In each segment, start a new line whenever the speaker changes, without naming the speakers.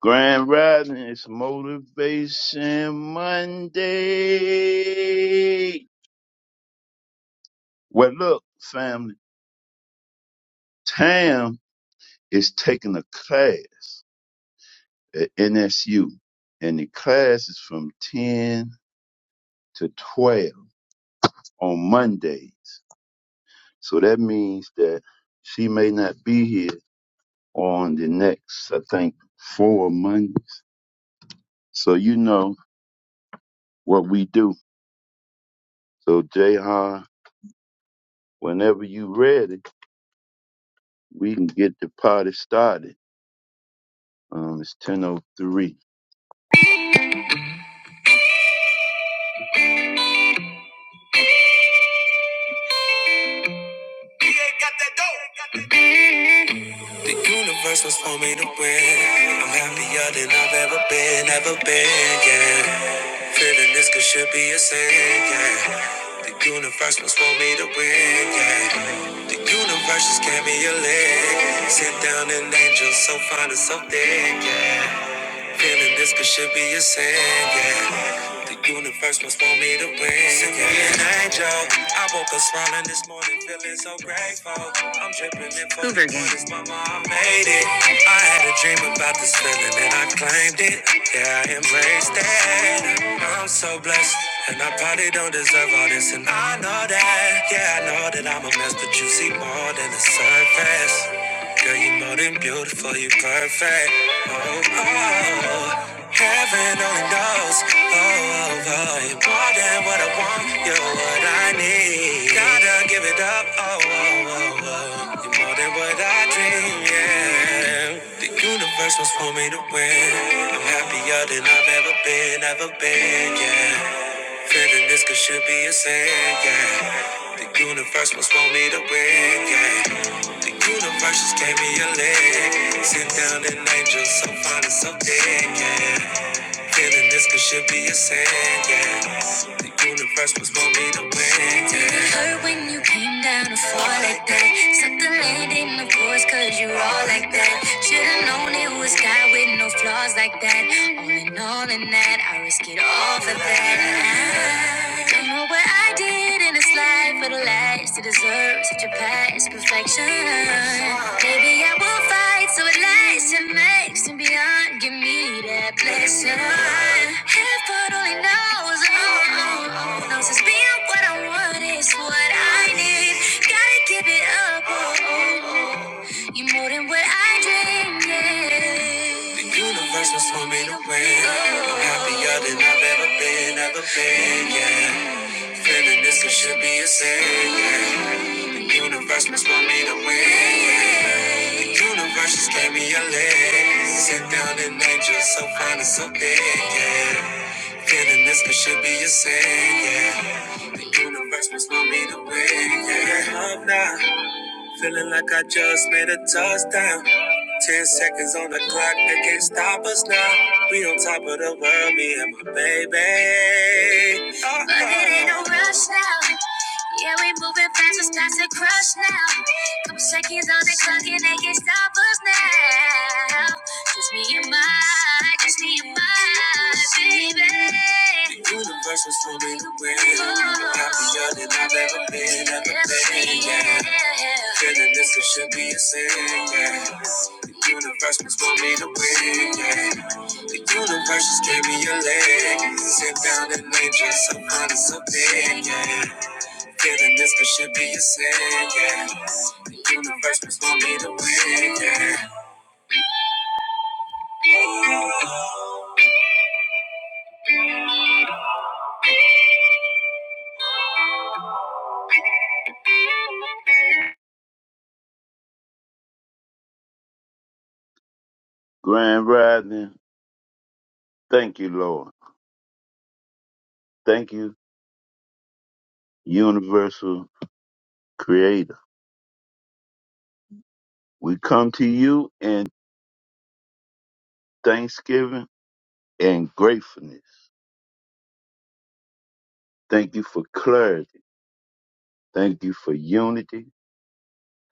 Grand Rising is Motivation Monday. Well, look, family, Tam is taking a class at NSU, and the class is from 10 to 12 on Mondays. So that means that she may not be here on the next, I think, four Mondays. So you know what we do. So, Jayhan, whenever you ready, we can get the party started. Um, it's 10.03.
The universe was for me to win. I'm happier than I've ever been, ever been, yeah. Feeling this could should be a sin, yeah. The universe was for me to win, yeah. The universe just gave me a leg. Sit down and angel, so fine and so thick, Feeling this could should be a sin, yeah. The universe must want me to win. yeah. Send me an angel. I woke up smiling this morning, feeling so grateful. I'm dripping in for the this mama, I made it. I had a dream about this feeling and I claimed it. Yeah, I embraced it. I'm so blessed. And I probably don't deserve all this, and I know that. Yeah, I know that I'm a mess, but you see more than the surface. Girl, you are more than beautiful, you are perfect. Oh, oh, oh. heaven only knows. Oh, oh, oh, you're more than what I want, you're what I need. Gotta give it up. Oh, oh, oh, oh, you're more than what I dream. Yeah, the universe was for me to win. I'm happier than I've ever been, ever been. Yeah. Feeling this could should be a sin, yeah. The universe must want me to win, yeah. The universe just gave me a leg. Sent down an angel so fine and so big, yeah. Feeling this could should be a sin, yeah. The universe must want me to win, yeah. It hurt when you came down to fall like that. Set the land in the course cause you all like that. Should've known it was God with no flaws like that. All in all in that, I risk it all for that. Don't know what I did in this life for the last to deserve such a past perfection. Maybe I will fight so it lasts and makes and beyond. Give me that blessing. Heaven only knows, oh, oh, oh, knows it's being what I want is what I need. Gotta give it up, oh, oh, oh. You're more than what I dreamed. Yeah. The universe was for me to win. I'm happier than I've ever been, ever been, yeah. Feeling this it should be a sin, yeah. The universe was for me to win. yeah. The universe just gave me a leg. Sit down and angel, so fine and so big, yeah. Feeling this could should be a sin, yeah. The universe must want me to win, yeah. Love now. Feeling like I just made a touchdown. Ten seconds on the clock, they can't stop us now. We on top of the world, me and my baby. Uh-oh. But it ain't no rush now. Yeah, we moving fast, it's time to crush now. Couple seconds on the clock, and they can't stop us now. Just me and my, just me and my baby. The universe was for me to win. I'm happier than I've ever been, ever been, yeah. Feeling this it should be a sin, yeah. The universe was for me to win, yeah. The universe just gave me a leg. Sit down and enjoy some honest opinion, yeah. Feeling this it should be a sin, yeah. The universe was for me to win, yeah.
Grand Rising, thank you, Lord. Thank you, Universal Creator. We come to you in thanksgiving and gratefulness. Thank you for clarity. Thank you for unity.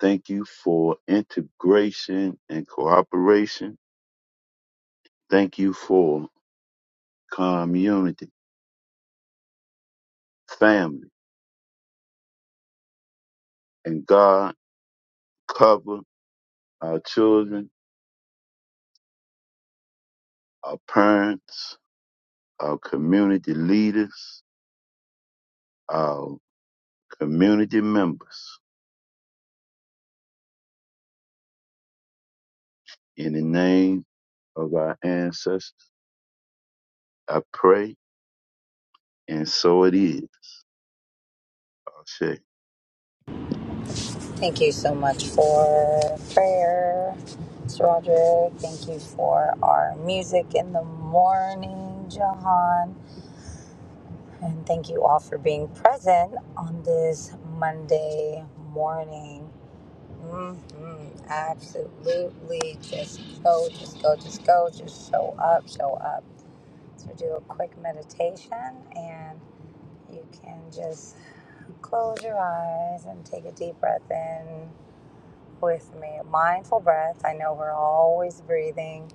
Thank you for integration and cooperation. Thank you for community, family, and God cover our children, our parents, our community leaders, our community members. In the name of our ancestors, I pray, and so it is. I say,
Thank you so much for prayer, Sir Roderick. Thank you for our music in the morning, Jahan. And thank you all for being present on this Monday morning. hmm Absolutely. Just go, just go, just go, just show up, show up. So do a quick meditation and you can just close your eyes and take a deep breath in with me. Mindful breaths. I know we're always breathing,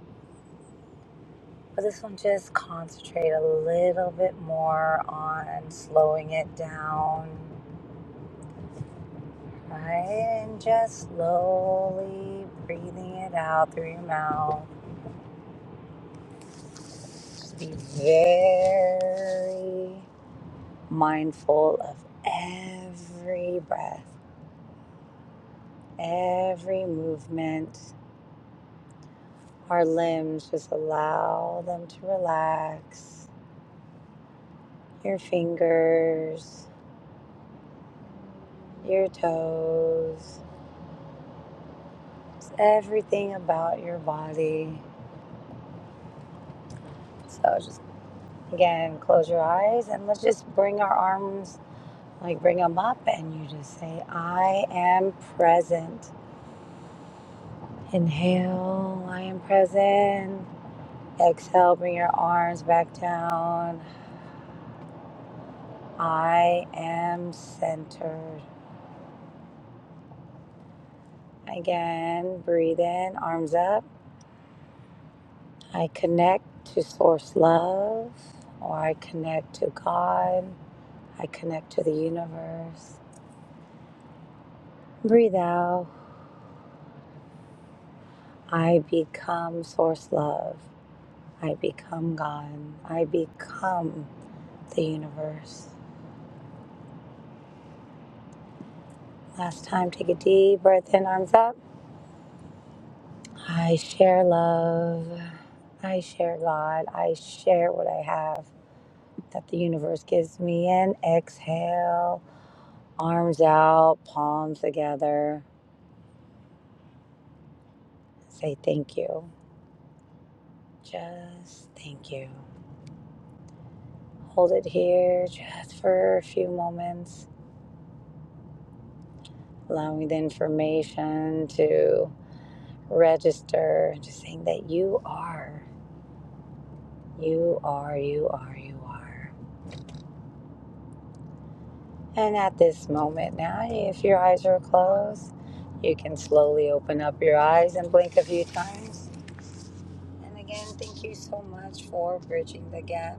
but this one just concentrate a little bit more on slowing it down, right? And just slowly breathing it out through your mouth. Just be very mindful of every breath, every movement. Our limbs, just allow them to relax. Your fingers, your toes, just everything about your body. So just again, close your eyes and let's just bring our arms, like bring them up, and you just say, I am present. Inhale, I am present. Exhale, bring your arms back down. I am centered. Again, breathe in, arms up. I connect to source love or I connect to God. I connect to the universe. Breathe out. I become source love. I become God. I become the universe. Last time, take a deep breath in, arms up. I share love. I share God. I share what I have that the universe gives me. And exhale, arms out, palms together. Say thank you. Just thank you. Hold it here just for a few moments, allowing the information to register, just saying that you are, you are, you are, you are. And at this moment now, if your eyes are closed, you can slowly open up your eyes and blink a few times. And again, thank you so much for bridging the gap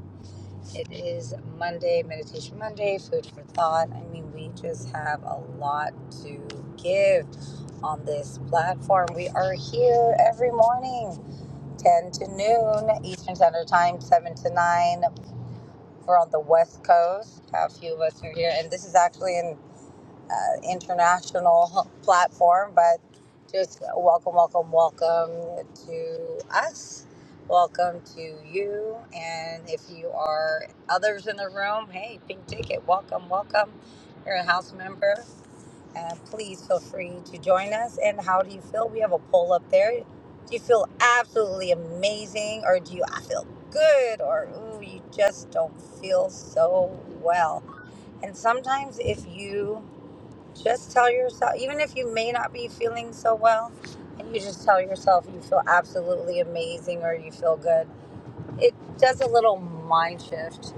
It is Monday, Meditation Monday, food for thought. I mean, we just have a lot to give on this platform. We are here every morning, 10 to noon, Eastern Standard Time, 7 to 9. We're on the West Coast. A few of us are here, and this is actually in uh, international platform, but just welcome, welcome, welcome to us. Welcome to you. And if you are others in the room, hey, Pink Ticket, welcome, welcome. You're a house member. Uh, please feel free to join us. And how do you feel? We have a poll up there. Do you feel absolutely amazing, or do you I feel good, or ooh, you just don't feel so well? And sometimes if you just tell yourself, even if you may not be feeling so well, and you just tell yourself you feel absolutely amazing or you feel good, it does a little mind shift.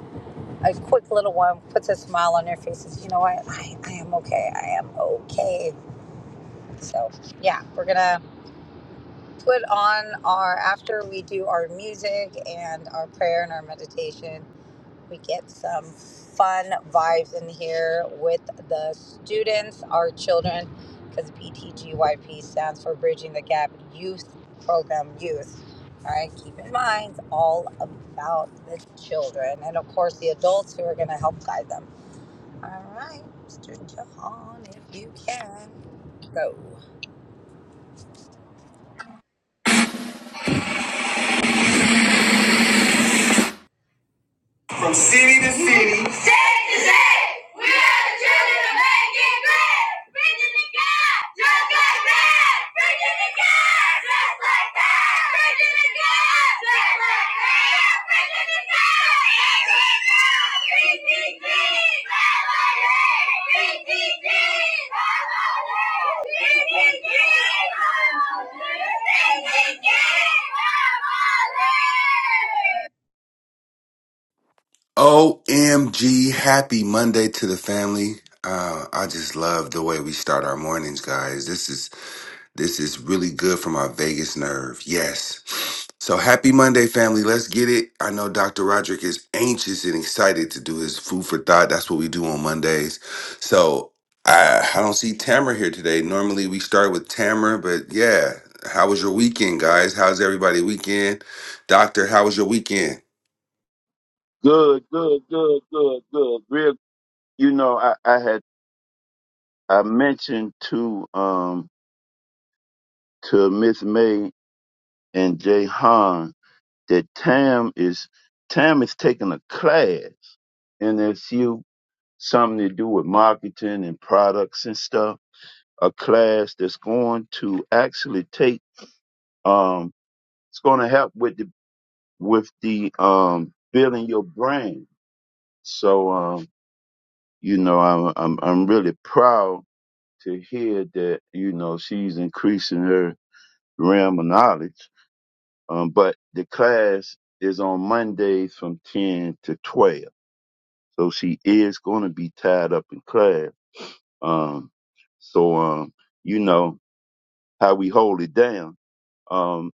A quick little one puts a smile on their faces. You know what? I, I am okay. I am okay. So, yeah, we're going to put on our, after we do our music and our prayer and our meditation, we get some fun vibes in here with the students, our children, because BTGYP stands for Bridging the Gap Youth Program Youth. All right, keep in mind it's all about the children and, of course, the adults who are going to help guide them. All right, Mr. Jahan, if you can go.
From city to city. State to state. We are the children of making great. Bridging the gap just like that. Bridging the gap just like that. Bridging the gap just like that. Bridging the gap. BTG.
OMG, happy Monday to the family. Uh, I just love the way we start our mornings, guys. This is this is really good for my Vegas nerve. Yes. So happy Monday, family. Let's get it. I know Dr. Roderick is anxious and excited to do his food for thought. That's what we do on Mondays. So I, I don't see Tamara here today. Normally we start with Tamara, but yeah. How was your weekend, guys? How's everybody weekend? Doctor, how was your weekend?
good, good, good, good, good. Real, you know, I, I had I mentioned to um to Miss May and Jay Han that Tam is Tam is taking a class in SU, something to do with marketing and products and stuff a class that's going to actually take um it's going to help with the with the um building your brain so um you know i'm i'm i'm really proud to hear that you know she's increasing her realm of knowledge um but the class is on mondays from 10 to 12 so she is going to be tied up in class um so um you know how we hold it down Um,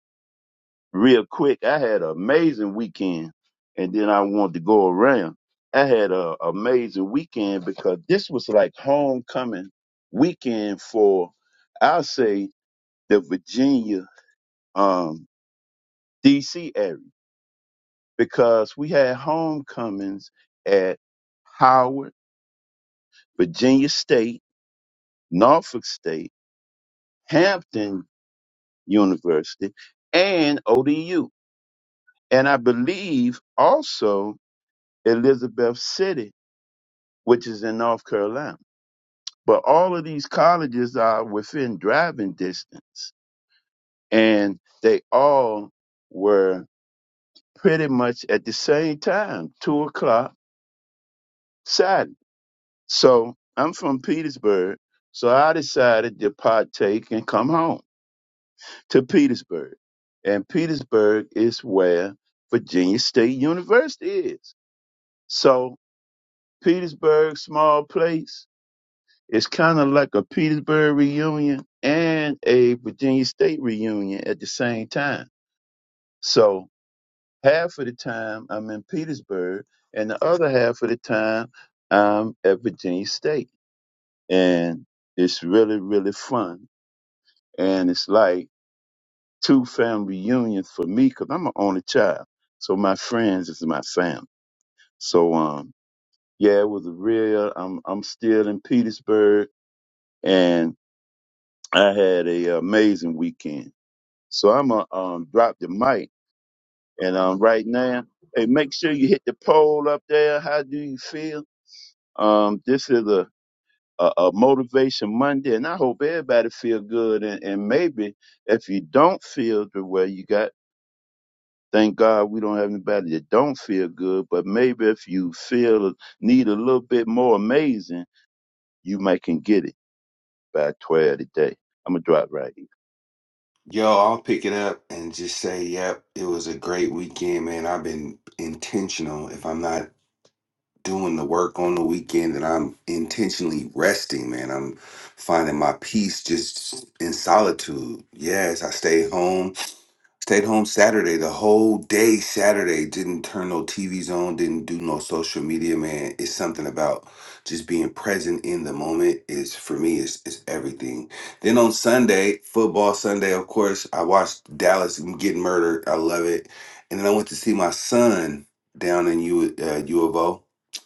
real quick, I had an amazing weekend, and then I wanted to go around. I had an amazing weekend because this was like homecoming weekend for, I'll say, the Virginia, um, D.C. area because we had homecomings at Howard, Virginia State, Norfolk State, Hampton University, and ODU. And I believe also Elizabeth City which is in North Carolina. But all of these colleges are within driving distance, and they all were pretty much at the same time, two o'clock Saturday. So I'm from Petersburg, so I decided to partake and come home to Petersburg. And Petersburg is where Virginia State University is. So Petersburg, small place, It's kind of like a Petersburg reunion and a Virginia State reunion at the same time. So half of the time I'm in Petersburg, and the other half of the time I'm at Virginia State. And it's really, really fun. And it's like two family reunions for me because I'm an only child. So my friends is my family. So, um, yeah, it was a real, I'm, I'm still in Petersburg and I had a amazing weekend. So I'm gonna um, drop the mic, and um, right now, hey, make sure you hit the poll up there. How do you feel? Um, this is a, a a motivation Monday, and I hope everybody feel good. And, and maybe if you don't feel the way you got, thank God we don't have anybody that don't feel good. But maybe if you feel need a little bit more amazing, you might can get it by twelve today. I'm gonna drop right here.
Yo, I'll pick it up and just say, yep, it was a great weekend, man. I've been intentional. If I'm not doing the work on the weekend, then I'm intentionally resting, man. I'm finding my peace just in solitude. Yes, I stayed home. Stayed home Saturday, the whole day Saturday. Didn't turn no TVs on, didn't do no social media, man. It's something about just being present in the moment is for me is is everything. Then on Sunday, football Sunday, of course, I watched Dallas get murdered. I love it. And then I went to see my son down in U uh, U of O.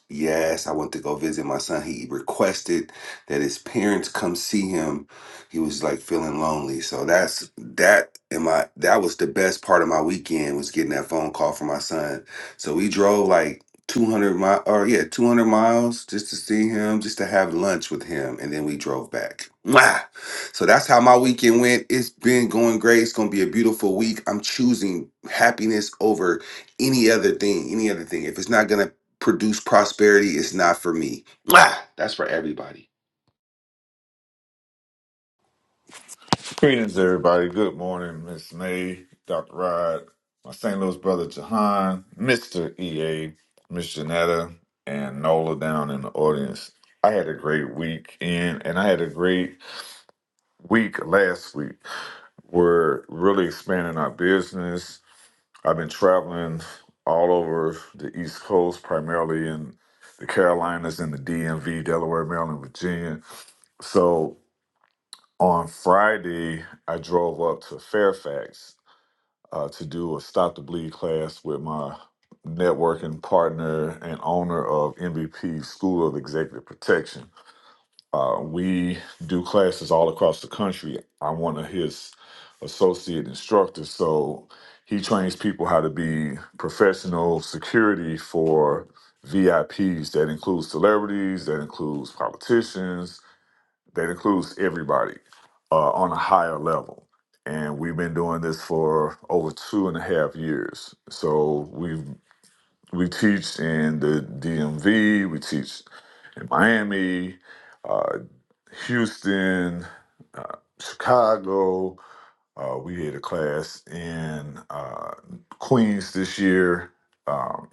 Yes, I went to go visit my son. He requested that his parents come see him he was like feeling lonely. So that's that and my that was the best part of my weekend was getting that phone call from my son. So we drove like 200 mi or yeah, 200 miles just to see him, just to have lunch with him, and then we drove back. Mwah! So that's how my weekend went. It's been going great. It's gonna be a beautiful week. I'm choosing happiness over any other thing. Any other thing. If it's not gonna produce prosperity, it's not for me. Mwah! That's for everybody.
Greetings, everybody. Good morning, Miss May, Dr. Rod, my St. Louis brother Jahan, Mr. EA, Miss Janetta, and Nola down in the audience. I had a great weekend, and I had a great week last week. We're really expanding our business. I've been traveling all over the East Coast, primarily in the Carolinas and the DMV, Delaware, Maryland, Virginia. So on Friday, I drove up to Fairfax uh, to do a Stop the Bleed class with my networking partner and owner of MVP School of Executive Protection. Uh, we do classes all across the country. I'm one of his associate instructors, so he trains people how to be professional security for VIPs. That includes celebrities, that includes politicians, that includes everybody uh, on a higher level. And we've been doing this for over two and a half years. So we we teach in the DMV, we teach in Miami, uh, Houston, uh, Chicago, uh, we had a class in uh, Queens this year. Um,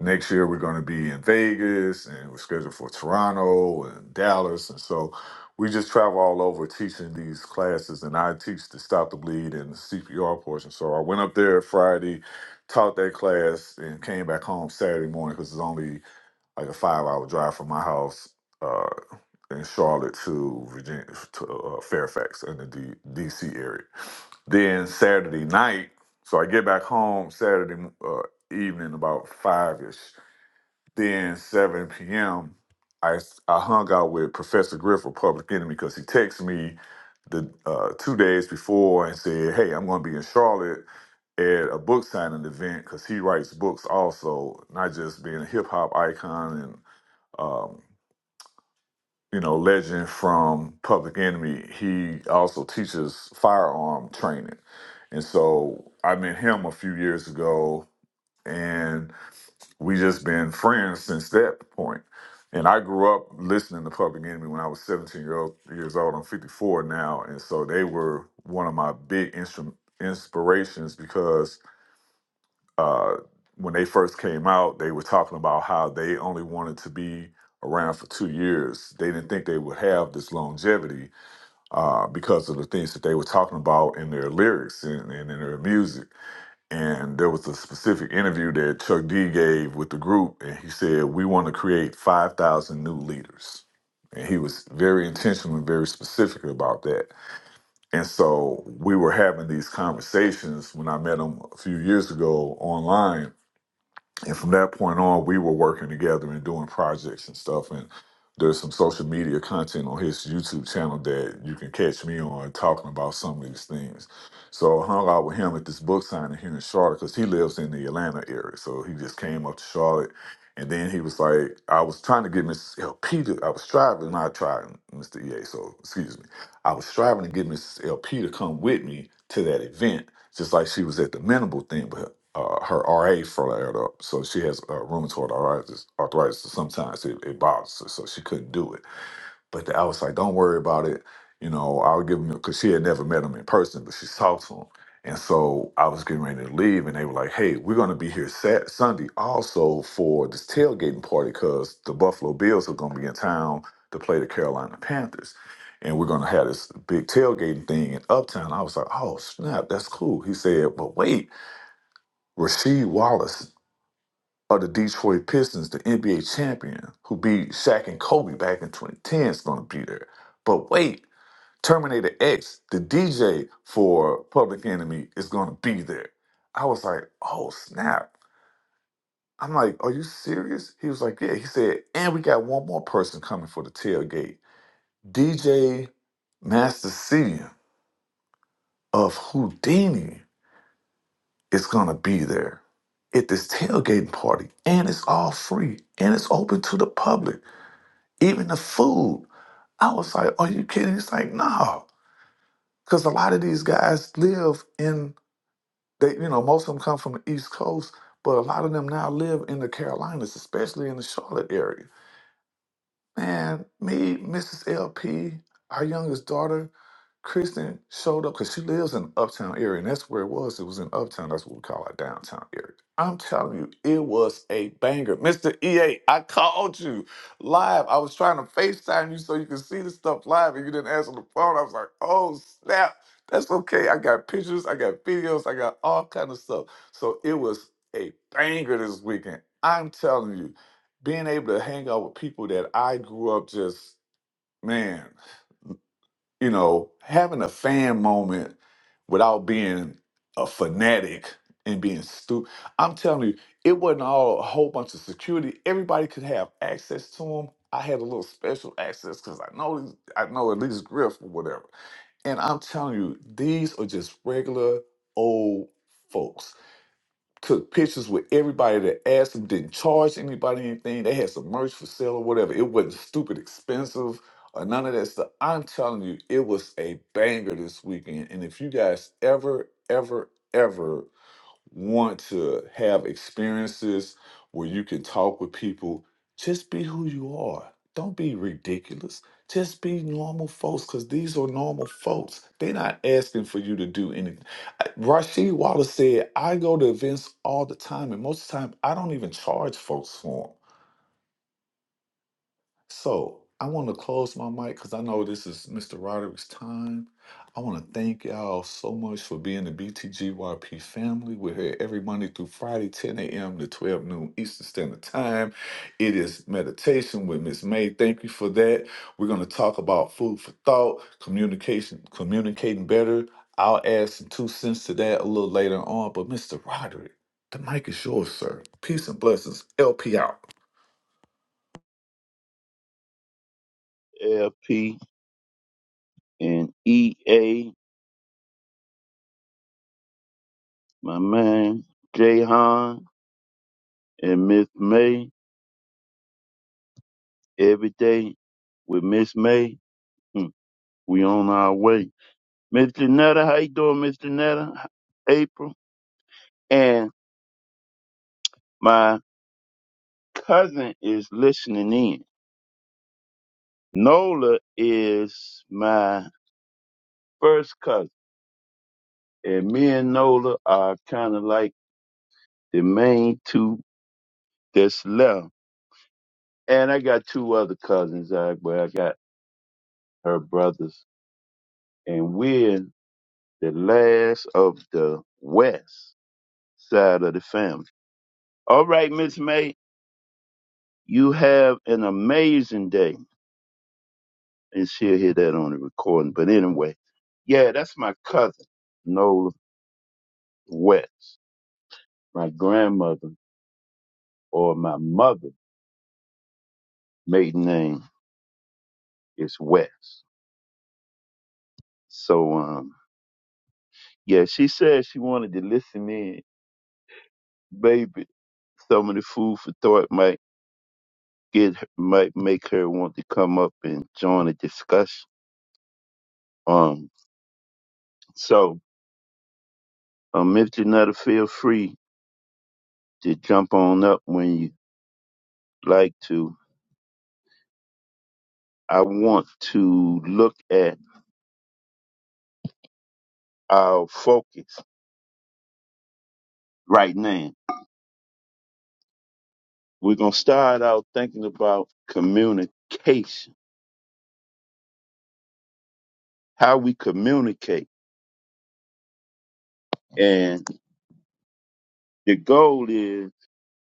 next year we're going to be in Vegas, and we're scheduled for Toronto and Dallas, and so we just travel all over teaching these classes. And I teach the stop the bleed and the CPR portion. So I went up there Friday, taught that class, and came back home Saturday morning because it's only like a five-hour drive from my house. Uh, in Charlotte to Virginia to uh, Fairfax in the D- D.C. area. Then Saturday night, so I get back home Saturday uh, evening about five ish. Then seven p.m. I s- I hung out with Professor Griff of Public Enemy because he texted me the uh, two days before and said, "Hey, I'm going to be in Charlotte at a book signing event because he writes books also, not just being a hip hop icon and." um, you know, legend from Public Enemy, he also teaches firearm training. And so I met him a few years ago and we just been friends since that point. And I grew up listening to Public Enemy when I was 17 year old, years old. I'm 54 now. And so they were one of my big instru- inspirations because uh, when they first came out, they were talking about how they only wanted to be around for two years. They didn't think they would have this longevity uh, because of the things that they were talking about in their lyrics and, and in their music. And there was a specific interview that Chuck D gave with the group, and he said, We want to create 5,000 new leaders. And he was very intentional and very specific about that. And so we were having these conversations when I met him a few years ago online and from that point on, we were working together and doing projects and stuff. And there's some social media content on his YouTube channel that you can catch me on talking about some of these things. So I hung out with him at this book signing here in Charlotte because he lives in the Atlanta area. So he just came up to Charlotte. And then he was like, I was trying to get Mrs. LP to, I was striving, not trying, Mr. EA, so excuse me. I was striving to get Mrs. LP to come with me to that event just like she was at the minimal thing, but her, uh, her RA flared up, so she has uh, rheumatoid arthritis. Arthritis, so sometimes it, it bothers her, so she couldn't do it. But I was like, don't worry about it. You know, I'll give him because she had never met him in person, but she talked to him. And so I was getting ready to leave, and they were like, "Hey, we're going to be here Sat- Sunday also for this tailgating party because the Buffalo Bills are going to be in town to play the Carolina Panthers, and we're going to have this big tailgating thing in Uptown." I was like, "Oh snap, that's cool." He said, "But wait, Rasheed Wallace of the Detroit Pistons, the NBA champion who beat Shaq and Kobe back in 2010, is going to be there. But wait, Terminator X, the DJ for Public Enemy, is going to be there. I was like, oh snap. I'm like, are you serious? He was like, yeah. He said, and we got one more person coming for the tailgate. DJ Master C of Houdini is going to be there at this tailgating party, and it's all free and it's open to the public. Even the food. I was like, are you kidding? He's like, no. Because a lot of these guys live in, they, you know, most of them come from the East Coast, but a lot of them now live in the Carolinas, especially in the Charlotte area. Man, me, Mrs. LP, our youngest daughter, Kristen, showed up because she lives in uptown area, and that's where it was. It was in uptown. That's what we call our downtown area. I'm telling you, it was a banger. Mr. EA, I called you live. I was trying to FaceTime you so you could see the stuff live, and you didn't answer the phone. I was like, oh, snap. That's okay. I got pictures, I got videos, I got all kind of stuff. So it was a banger this weekend. I'm telling you being able to hang out with people that I grew up just, man, you know, having a fan moment without being a fanatic and being stupid. I'm telling you, it wasn't all a whole bunch of security. Everybody could have access to them. I had a little special access because I know these- I know at least Griff or whatever. And I'm telling you, these are just regular old folks took pictures with everybody that asked them, didn't charge anybody anything. They had some merch for sale or whatever. It wasn't stupid expensive or none of that stuff. I'm telling you, it was a banger this weekend. And if you guys ever, ever, ever want to have experiences where you can talk with people, just be who you are. Don't be ridiculous. Just be normal folks because these are normal folks. They're not asking for you to do anything. I- Rasheed Wallace said, I go to events all the time, and most of the time, I don't even charge folks for them." So I want to close my mic because I know this is Mr. Roderick's time. I want to thank y'all so much for being the BTGYP family. We're here every Monday through Friday, 10 a.m. to 12 noon Eastern Standard Time. It is meditation with Miss May. Thank you for that. We're going to talk about food for thought, communication, communicating better. I'll add some two cents to that a little later on. But Mr. Roderick, the mic is yours, sir. Peace and blessings. LP out.
LP and EA, my man, Jay and Miss May every day with Miss May. hmm, We on our way. Miss Janetta, how you doing, Miss Janetta? April and my cousin is listening in. Nola is my first cousin, and me and Nola are kind of like the main two that's left. And I got two other cousins, I but I got her brothers, and we're the last of the west side of the family. All right, Miss May, you have an amazing day. And she'll hear that on the recording. But anyway, yeah, that's my cousin, Nola West. My grandmother or my mother maiden name is West. So um yeah, she said she wanted to listen in. Baby, some of the food for thought might get might make her want to come up and join a discussion. Um so um Miss Janetta, feel free to jump on up when you like to, I want to look at our focus right now. We're going to start out thinking about communication, how we communicate. And the goal is,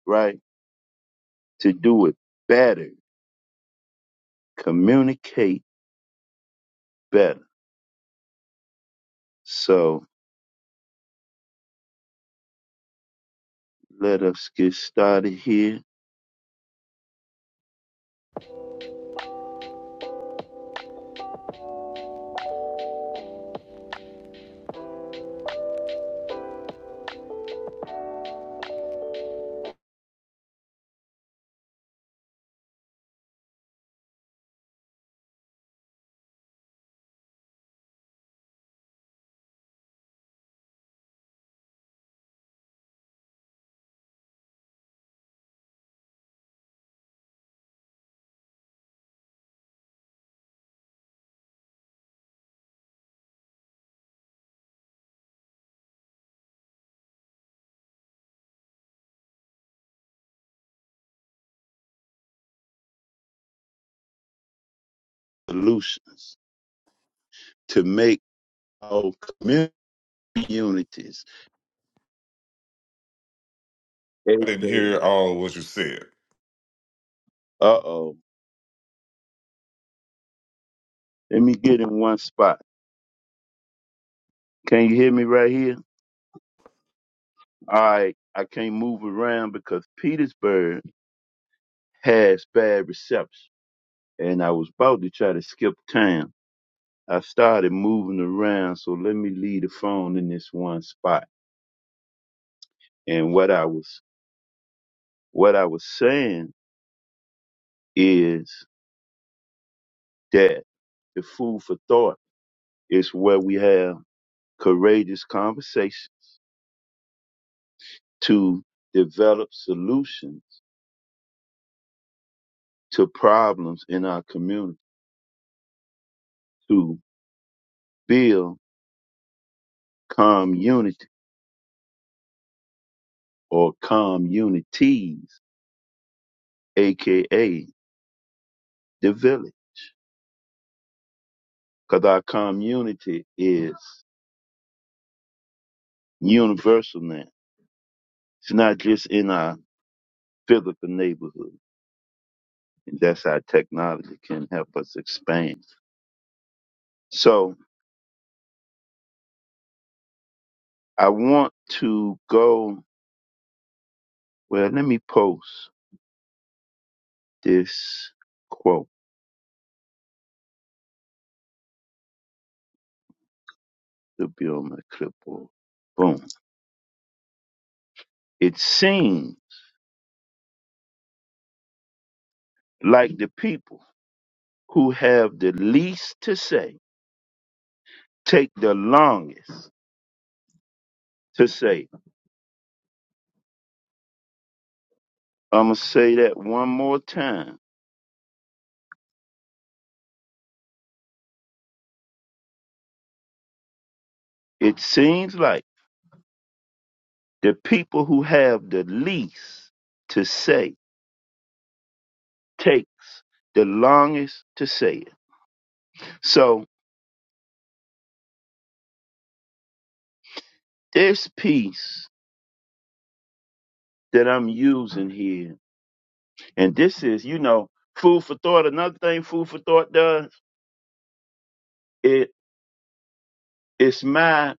right, to do it better, communicate better. So let us get started here. Solutions to make our communities. Uh
I didn't hear all what you said.
oh. Let me get in one spot. Can you hear me right here? I I can't move around because Petersburg has bad reception, and I was about to try to skip town. I started moving around, so let me leave the phone in this one spot. And what I was what I was saying is that the food for thought is where we have courageous conversations to develop solutions to problems in our community, to build community or communities, aka the village, because our community is universal now. It's not just in our physical neighborhood. And that's how technology can help us expand. So I want to go, well, let me post this quote to be on my clipboard. Boom. It seems like the people who have the least to say take the longest to say I'm going to say that one more time. It seems like the people who have the least to say takes the longest to say it. So this piece that I'm using here, and this is, you know, food for thought. Another thing food for thought does, it it's my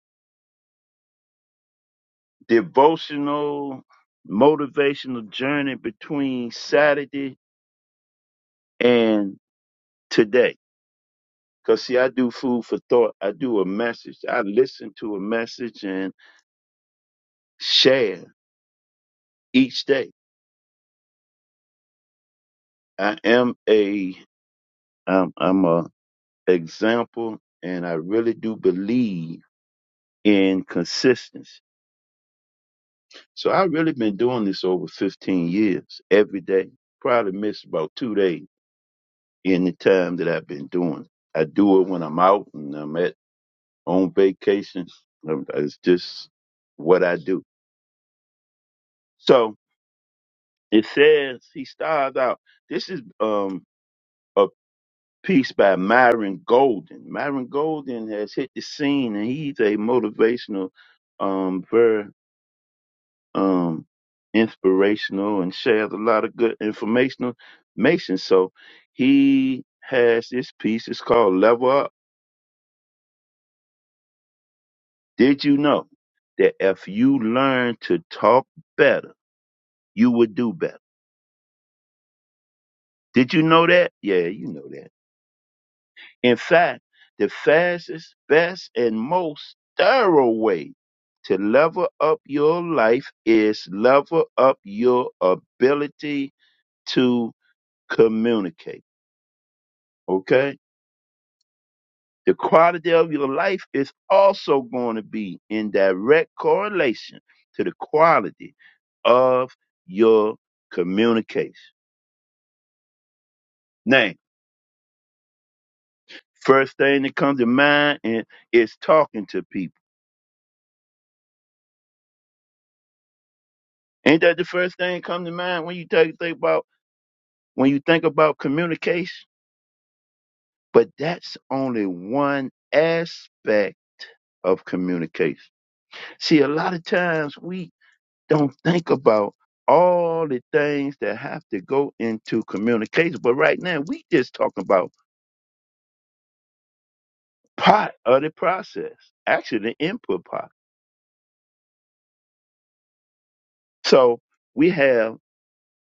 devotional, motivational journey between Saturday and today Cause see, I do food for thought. I do a message. I listen to a message and share each day. I am a, I'm, I'm a example, and I really do believe in consistency. So I really been doing this over 15 years, every day. Probably missed about two days in the time that I've been doing. it. I do it when I'm out and I'm at on vacation. Um, It's just what I do. So It says he styled out. This is um a piece by Myron Golden. Myron Golden has hit the scene, and he's a motivational, um, very um inspirational, and shares a lot of good informational information. So he has this piece. It's called Level Up. Did you know that if you learn to talk better, you would do better? Did you know that? Yeah, you know that. In fact, the fastest, best, and most thorough way to level up your life is level up your ability to communicate. Okay? The quality of your life is also going to be in direct correlation to the quality of your communication. Now, first thing that comes to mind is, is talking to people. Ain't that the first thing that comes to mind when you take think about when you think about communication, but that's only one aspect of communication. See, a lot of times we don't think about all the things that have to go into communication, but right now we just talking about part of the process, actually the input part. So we have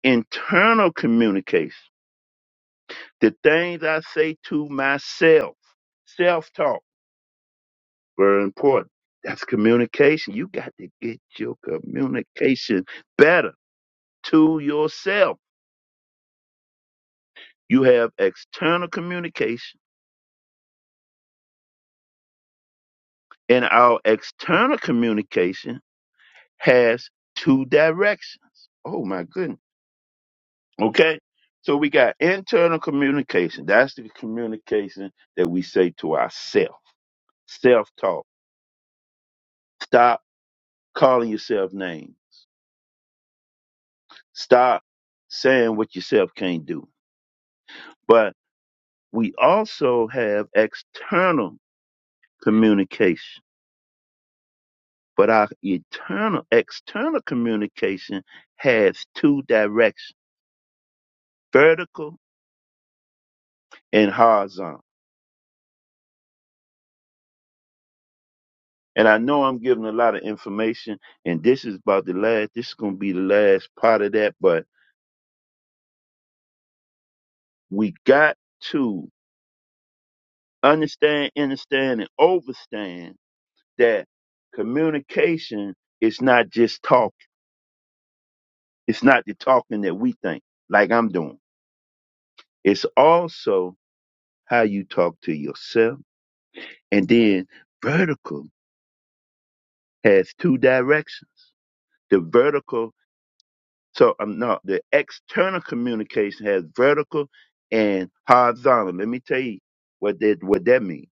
internal communication, the things I say to myself, self-talk very important. That's communication. You got to get your communication better to yourself. You have external communication, and our external communication has two directions. Oh my goodness. Okay. So we got internal communication. That's the communication that we say to ourselves. Self-talk. Stop calling yourself names. Stop saying what yourself can't do. But We also have external communication, but our eternal external communication has two directions, vertical and horizontal. And I know I'm giving a lot of information, and this is about the last, this is going to be the last part of that, but we got to understand, understand, and overstand that communication is not just talk. It's not the talking that we think, like I'm doing. It's also how you talk to yourself. And then vertical has two directions. The vertical, so um, no, the external communication has vertical and horizontal. Let me tell you what that what that means.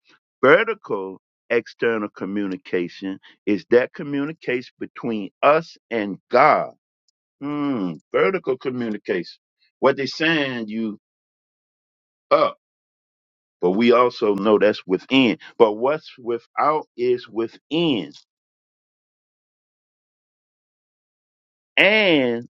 Vertical external communication is that communication between us and God. Hmm, vertical communication. What they send you up, but we also know that's within. But what's without is within And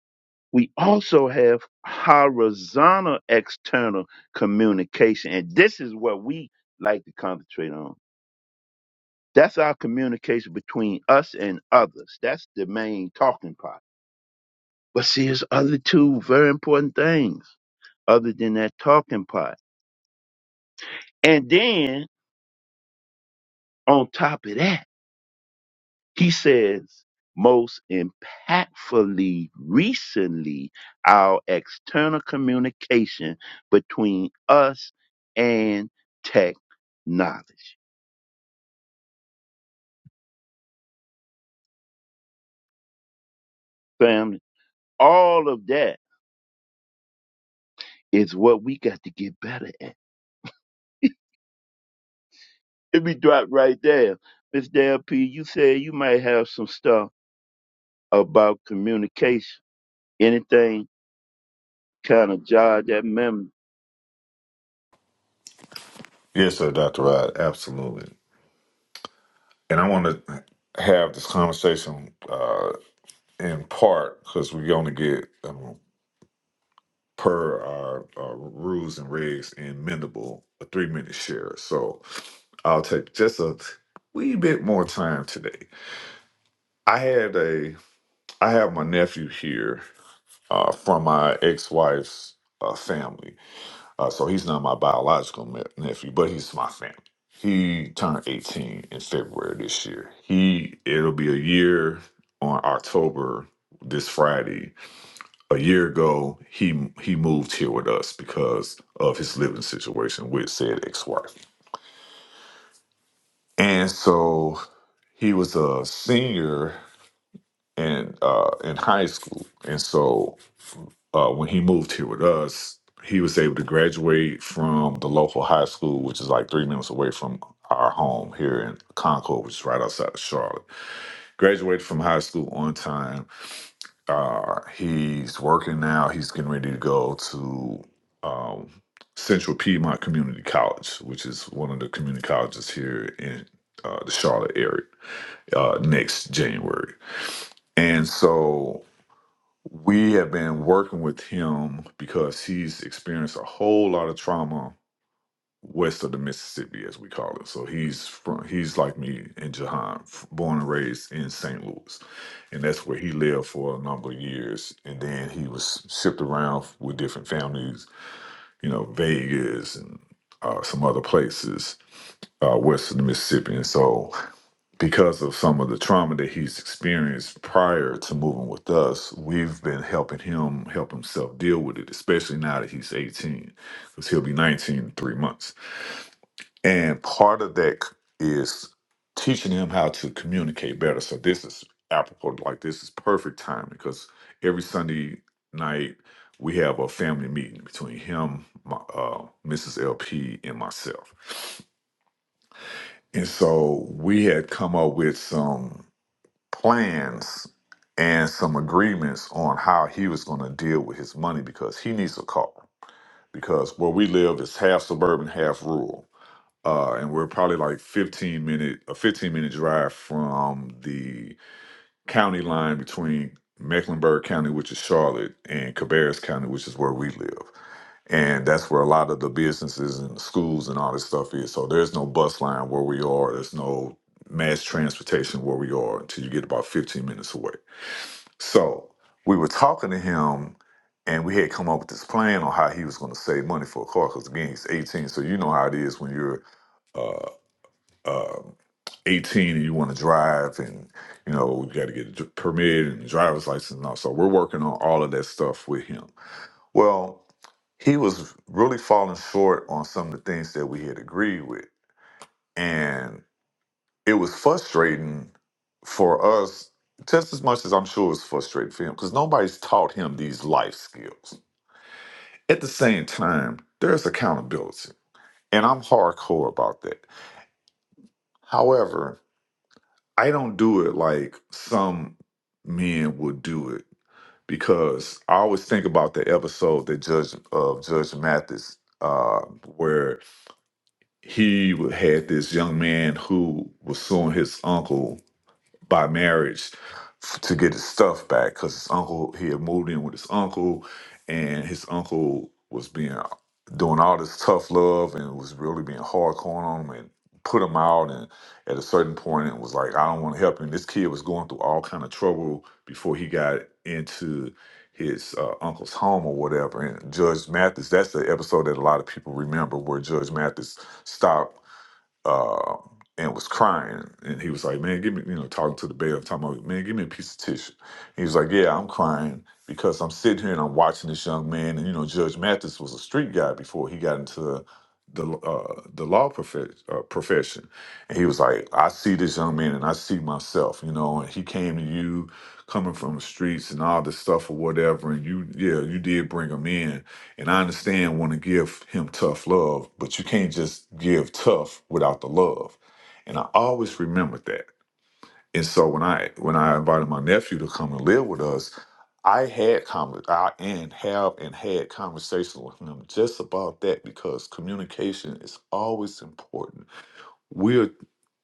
we also have horizontal external communication. And this is what we like to concentrate on. That's our communication between us and others. That's the main talking part. But see, there's other two very important things other than that talking part. And then on top of that, He says, most impactfully recently, our external communication between us and technology. Family, all of that is what we got to get better at. Let me drop right there. Miss Dale P, you said you might have some stuff about communication. Anything kind of jog that memory.
Yes, sir, Dr. Rod, absolutely. And I want to have this conversation uh, in part because we only get, um, per our, our rules and regs, in mendable, a three minute share. So I'll take just a wee bit more time today. I had a, I have my nephew here uh, from my ex wife's uh, family. Uh, so he's not my biological ne- nephew, but he's my family. He turned 18 in February this year. He it'll be a year on October this Friday. A year ago, he he moved here with us because of his living situation with said ex-wife. And so he was a senior in uh, in high school, and so uh, when he moved here with us, he was able to graduate from the local high school, which is like three minutes away from our home here in Concord, which is right outside of Charlotte. Graduated from high school on time. Uh, he's working now. He's getting ready to go to um, Central Piedmont Community College, which is one of the community colleges here in uh, the Charlotte area uh, next January. And so we have been working with him because he's experienced a whole lot of trauma west of the Mississippi, as we call it. So he's from he's like me in Jahan, f- born and raised in St. Louis, and that's where he lived for a number of years. And then he was shipped around with different families, you know, Vegas and uh, some other places uh, west of the Mississippi. And so because of some of the trauma that he's experienced prior to moving with us, we've been helping him help himself deal with it, especially now that he's 18, because he'll be 19 in three months. And part of that is teaching him how to communicate better. So this is apropos, like this is perfect timing because every Sunday night we have a family meeting between him, my, uh, Mrs. LP, and myself. And so we had come up with some plans and some agreements on how he was going to deal with his money because he needs a car. Because where we live is half suburban, half rural, uh, and we're probably like fifteen minute a fifteen minute drive from the county line between Mecklenburg County, which is Charlotte, and Cabarrus County, which is where we live. And that's where a lot of the businesses and schools and all this stuff is. So there's no bus line where we are. There's no mass transportation where we are until you get about 15 minutes away. So we were talking to him, and we had come up with this plan on how he was going to save money for a car. Because again, he's 18, so you know how it is when you're uh, uh, 18 and you want to drive, and you know you got to get a dr- permit and driver's license and all. So we're working on all of that stuff with him. Well, he was really falling short on some of the things that we had agreed with, and it was frustrating for us just as much as I'm sure it was frustrating for him because nobody's taught him these life skills. At the same time, there's accountability, and I'm hardcore about that. However, I don't do it like some men would do it because I always think about the episode that Judge of Judge Mathis, uh, where he had this young man who was suing his uncle by marriage f- to get his stuff back because his uncle he had moved in with his uncle, and his uncle was being doing all this tough love and was really being hardcore on him and put him out and at a certain point it was like I don't want to help him. This kid was going through all kind of trouble before he got into his uh, uncle's home or whatever. And Judge Mathis, that's the episode that a lot of people remember where Judge Mathis stopped uh, and was crying. And he was like, "Man, give me," you know, talking to the bailiff, talking about, "Man, give me a piece of tissue." He was like, "Yeah, I'm crying because I'm sitting here and I'm watching this young man." And you know, Judge Mathis was a street guy before he got into the uh, the law profe- uh, profession, and he was like, "I see this young man and I see myself," you know. And he came to you coming from the streets and all this stuff or whatever, and you, yeah, you did bring him in and I understand want to give him tough love, but you can't just give tough without the love. And I always remembered that. And so when I when I invited my nephew to come and live with us, I had con I and have and had conversations with him just about that because communication is always important. We're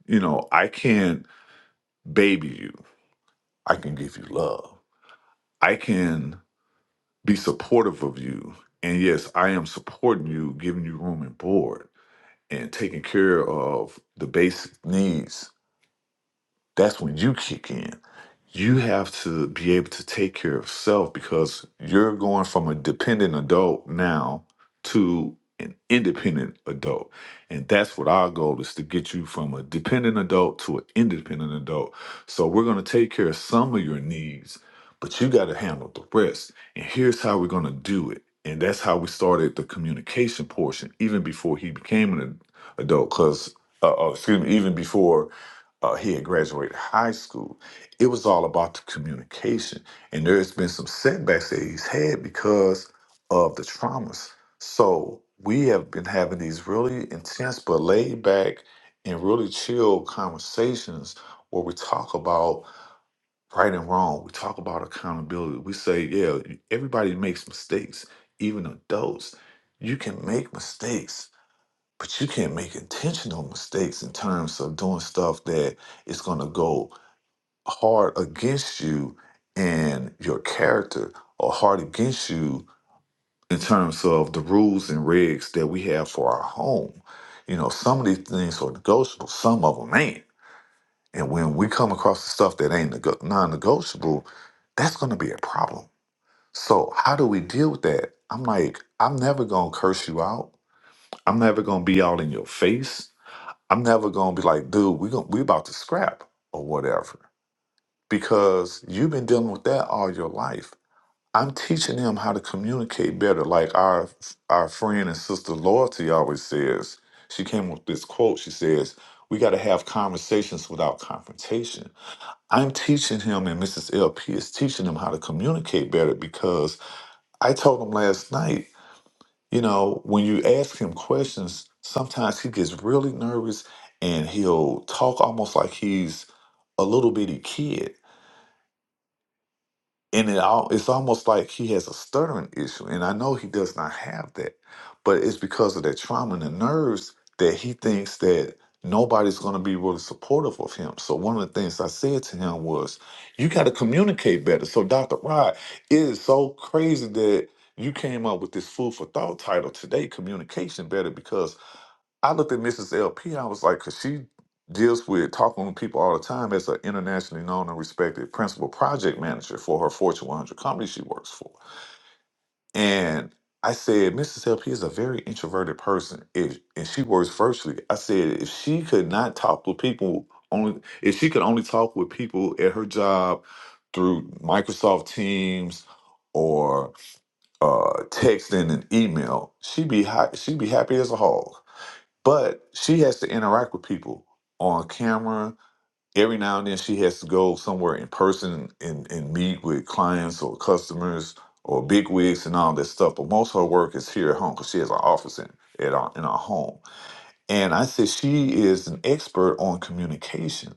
you know, I can baby you. I can give you love. I can be supportive of you. And yes, I am supporting you, giving you room and board. and taking care of the basic needs that's when you kick in. You have to be able to take care of self because you're going from a dependent adult now to an independent adult. And that's what our goal is to get you from a dependent adult to an independent adult. So we're going to take care of some of your needs, but you got to handle the rest. And here's how we're going to do it. And that's how we started the communication portion, even before he became an adult, because, uh, uh, excuse me, even before uh, he had graduated high school. It was all about the communication. And there's been some setbacks that he's had because of the traumas. So we have been having these really intense but laid back and really chill conversations where we talk about right and wrong. We talk about accountability. We say, yeah, everybody makes mistakes, even adults. You can make mistakes but you can't make intentional mistakes in terms of doing stuff that is going to go hard against you and your character or hard against you in terms of the rules and regs that we have for our home you know some of these things are negotiable some of them ain't and when we come across the stuff that ain't nego- non-negotiable that's going to be a problem so how do we deal with that i'm like i'm never going to curse you out i'm never going to be all in your face I'm never gonna be like, dude, we gon' we about to scrap or whatever, because you've been dealing with that all your life. I'm teaching them how to communicate better. Like our our friend and sister Loyalty always says, she came up with this quote. She says, "We got to have conversations without confrontation." I'm teaching him, and Mrs. LP is teaching him how to communicate better because I told him last night you know, when you ask him questions, sometimes he gets really nervous and he'll talk almost like he's a little bitty kid and it all it's almost like he has a stuttering issue and i know he does not have that but it's because of that trauma and the nerves that he thinks that nobody's going to be really supportive of him so one of the things i said to him was you got to communicate better so dr rod it is so crazy that you came up with this food for thought title today communication better because I looked at Mrs. LP. I was like, 'Cause she deals with talking to people all the time as an internationally known and respected principal project manager for her Fortune 100 company she works for. And I said, Mrs. LP is a very introverted person, if, and she works virtually. I said, if she could not talk with people, only if she could only talk with people at her job through Microsoft Teams or uh, texting and email, she'd be high, she'd be happy as a hog. But she has to interact with people on camera. Every now and then she has to go somewhere in person and, and meet with clients or customers or big wigs and all that stuff. But most of her work is here at home because she has an office in at our, in our home. And I said she is an expert on communication,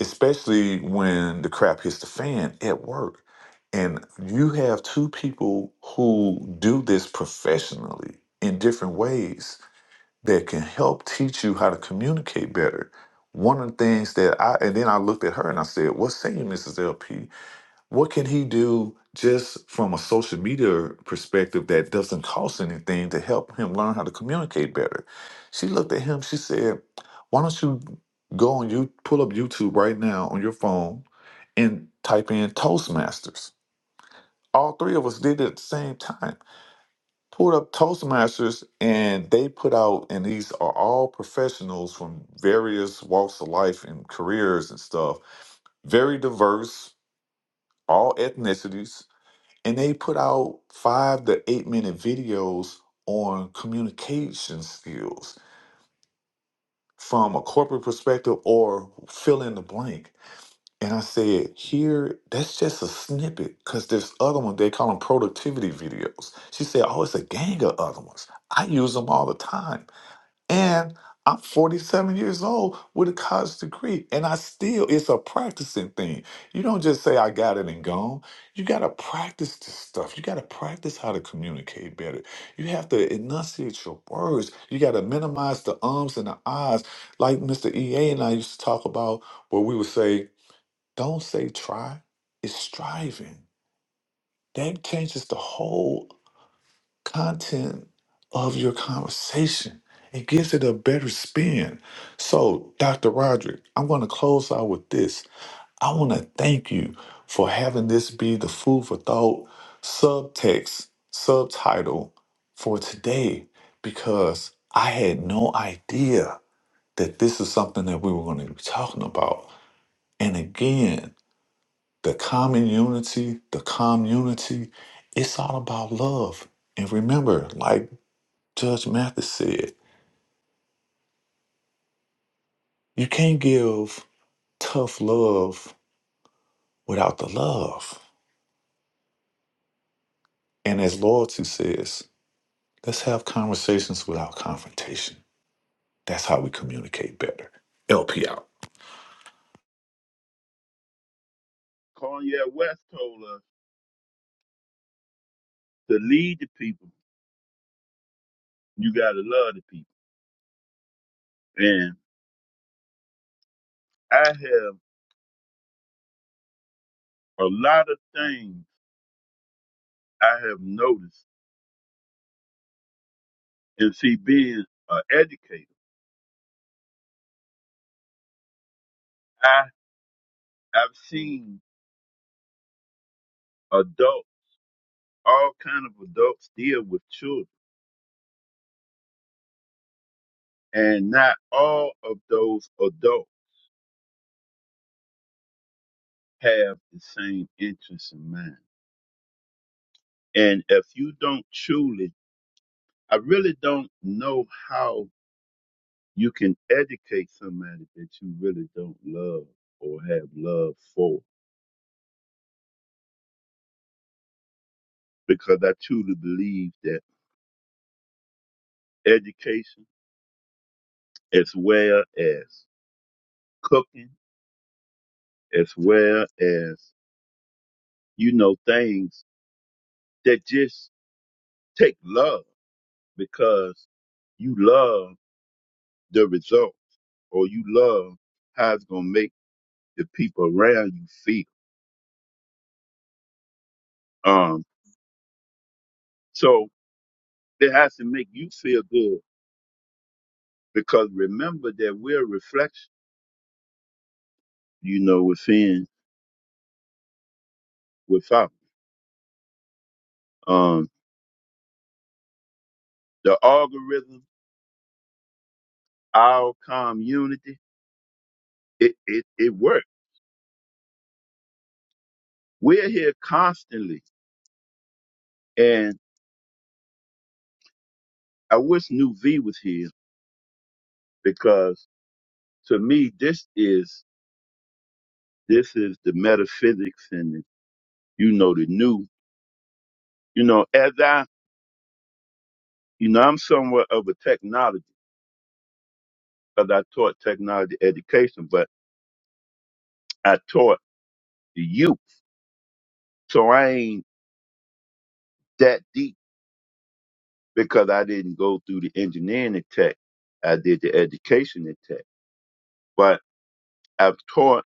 especially when the crap hits the fan at work. And you have two people who do this professionally in different ways that can help teach you how to communicate better. One of the things that I and then I looked at her and I said, "What's saying, Mrs. LP? What can he do just from a social media perspective that doesn't cost anything to help him learn how to communicate better?" She looked at him. She said, "Why don't you go on you pull up YouTube right now on your phone and type in Toastmasters?" All three of us did it at the same time pulled up Toastmasters and they put out, and these are all professionals from various walks of life and careers and stuff, very diverse, all ethnicities. And they put out five to eight minute videos on communication skills from a corporate perspective or fill in the blank. And I said, here, that's just a snippet because there's other ones, they call them productivity videos. She said, oh, it's a gang of other ones. I use them all the time. And I'm 47 years old with a college degree, and I still, it's a practicing thing. You don't just say, I got it and gone. You got to practice this stuff. You got to practice how to communicate better. You have to enunciate your words. You got to minimize the ums and the ahs. Like Mr. EA and I used to talk about, where we would say, don't say try, it's striving. That changes the whole content of your conversation. It gives it a better spin. So, Dr. Roderick, I'm going to close out with this. I want to thank you for having this be the food for thought subtext, subtitle for today, because I had no idea that this is something that we were going to be talking about. And again, the common unity, the community, it's all about love. And remember, like Judge Mathis said, You can't give tough love without the love. And as loyalty says, let's have conversations without confrontation. That's how we communicate better. LP out.
Cornel West told us to lead the people. You got to love the people. I have a lot of things I have noticed. And see, being an educator, I I've seen adults, all kind of adults, deal with children, and not all of those adults have the same interests in mind. And if you don't truly, I really don't know how you can educate somebody that you really don't love or have love for, because I truly believe that education. as well as cooking, as well as, you know, things that just take love because you love the result or you love how it's going to make the people around you feel. Um, so it has to make you feel good because remember that we're a reflection, you know, within, without. Um, the algorithm, our community, it, it, it works. We're here constantly and. I wish New V was here because to me this is this is the metaphysics and the, you know the new you know as I you know I'm somewhat of a technology because I taught technology education, but I taught the youth, so I ain't that deep because I didn't go through the engineering and tech. I did the education and tech, but I've taught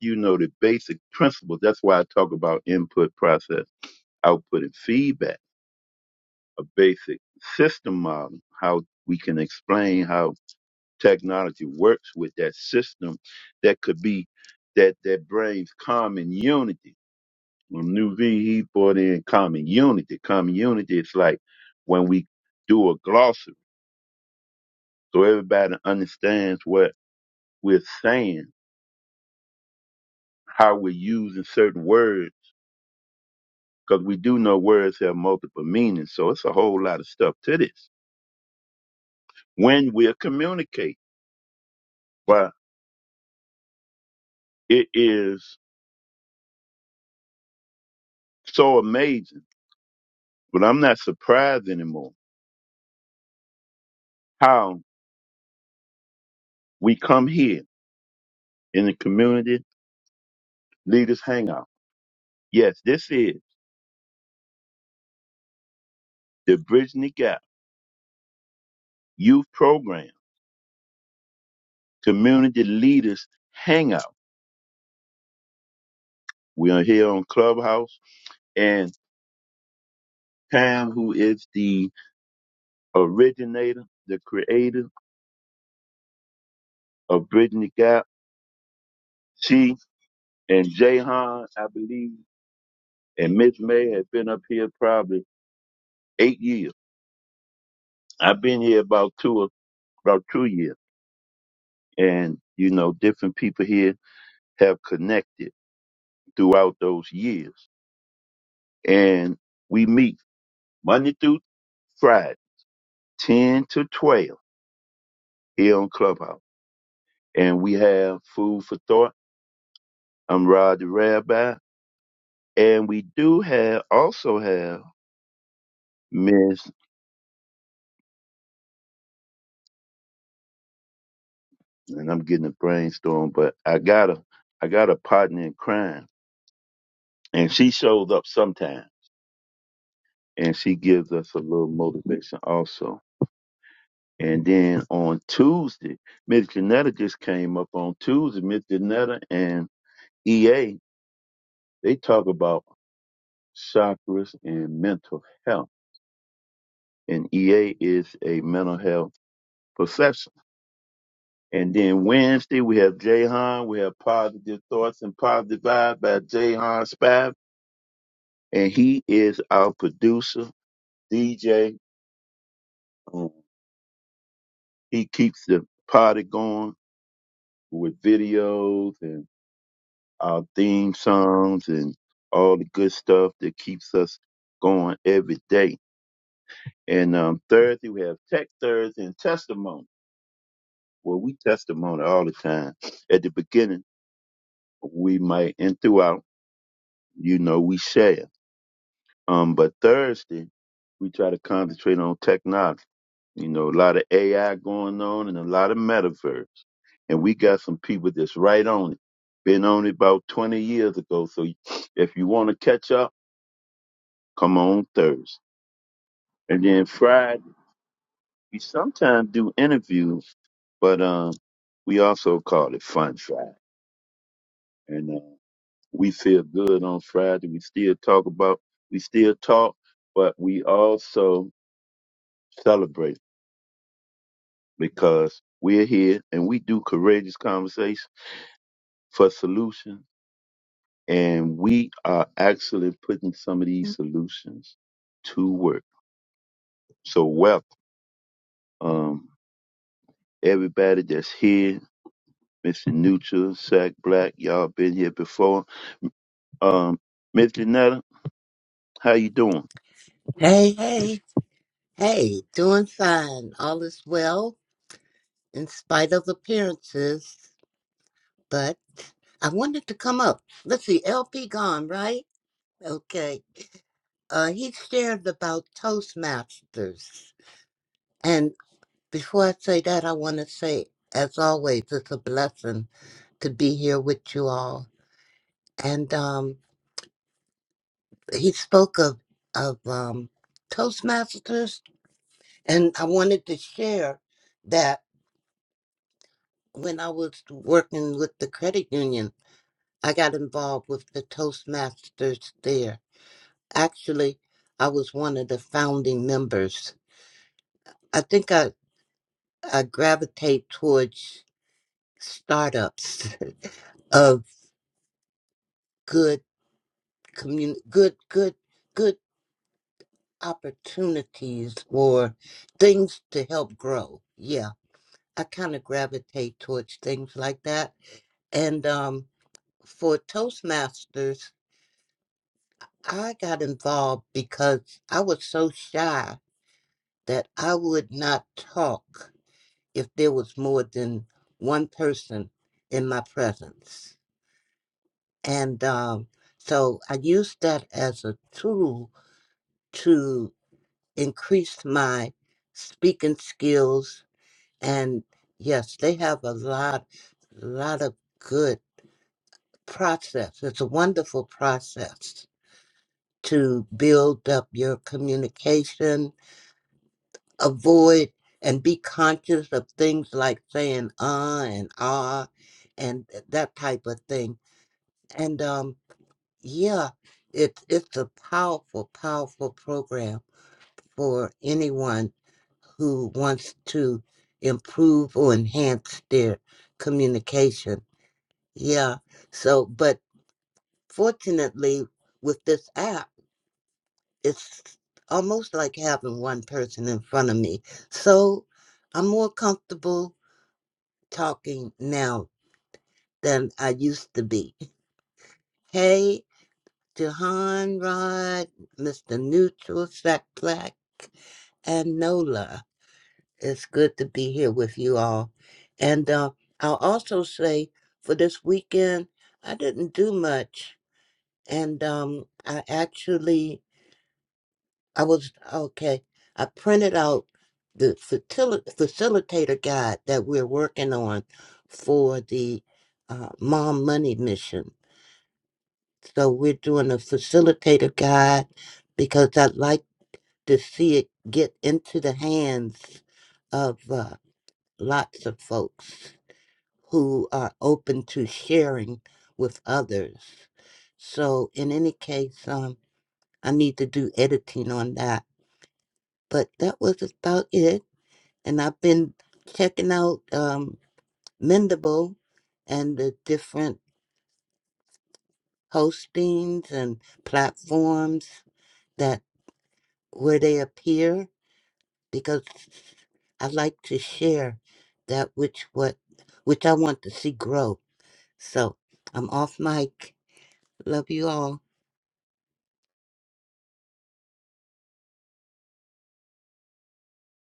you know the basic principles. That's why I talk about input, process, output, and feedback a basic system model, how we can explain how technology works with that system that could be that that brings common unity. When New V he brought in common unity. Common unity is like when we do a glossary so everybody understands what we're saying, how we're using certain words, because we do know words have multiple meanings. So it's a whole lot of stuff to this. When we're communicating. But it is so amazing. But I'm not surprised anymore how we come here in the community leaders hangout. Yes, this is the Bridging the Gap Youth Program Community Leaders Hangout. We are here on Clubhouse and Pam, who is the originator, the creator of Bridging the Gap, she and Jahan, I believe, and Miss May have been up here probably eight years. I've been here about two, about two years and you know different people here have connected throughout those years and we meet monday through friday 10 to 12 here on clubhouse and we have food for thought i'm rod the rabbi and we do have also have miss and i'm getting a brainstorm but i got a i got a partner in crime and she shows up sometime and she gives us a little motivation also And then on Tuesday, Miss Janetta just came up on Tuesday. Miss Janetta and EA, they talk about chakras and mental health. And EA is a mental health professional. And then Wednesday, we have Jay We have Positive Thoughts and Positive Vibe by Jay Han And he is our producer, DJ. Um, he keeps the party going with videos and. our theme songs and all the good stuff that keeps us going every day. And um, Thursday, we have Tech Thursday and Testimony, where we testimony all the time. At the beginning, we might, and throughout, you know, we share. Um, but Thursday, we try to concentrate on technology. You know, a lot of AI going on and a lot of metaverse. And we got some people that's right on it. Been on it about 20 years ago. So if you want to catch up, come on Thursday. And then Friday, we sometimes do interviews, but um, we also call it Fun Friday. And uh, we feel good on Friday. We still talk about, we still talk, but we also celebrate because we're here and we do courageous conversation for solutions. And we are actually putting some of these solutions to work. So welcome um, everybody that's here Mr. Neutral, Sack Black, y'all been here before. Um, Miss Janetta, how you doing?
Hey, hey, hey, doing fine. All is well in spite of appearances. But I wanted to come up. Let's see, LP gone, right? Okay. Uh, he shared about Toastmasters. And before I say that, I want to say, as always, it's a blessing to be here with you all. And um, he spoke of, of um, Toastmasters, and I wanted to share that. when I was working with the credit union, I got involved with the Toastmasters there. Actually, I was one of the founding members. I think I, I gravitate towards startups of good commun- good good good opportunities or things to help grow. Yeah, I kind of gravitate towards things like that. And um, for Toastmasters, I got involved because I was so shy that I would not talk if there was more than one person in my presence. And um, so I used that as a tool to increase my speaking skills. And yes, they have a lot, lot of good process. It's a wonderful process to build up your communication avoid and be conscious of things like saying uh and ah and that type of thing. And um yeah, it's it's a powerful, powerful program for anyone who wants to improve or enhance their communication. Yeah. So but fortunately with this app it's almost like having one person in front of me. So I'm more comfortable talking now than I used to be. Hey to Han Mr. Neutral, Sack Black, and Nola. It's good to be here with you all. And uh, I'll also say for this weekend, I didn't do much. And um, I actually, I was, okay, I printed out the facil- facilitator guide that we're working on for the uh, Mom Money Mission So we're doing a facilitator guide because I'd like to see it get into the hands of uh, lots of folks who are open to sharing with others. So in any case, um, I need to do editing on that. But that was about it. And I've been checking out um, Mendable and the different hostings and platforms that where they appear because I like to share that which what which I want to see grow. So I'm off mic. Love you all.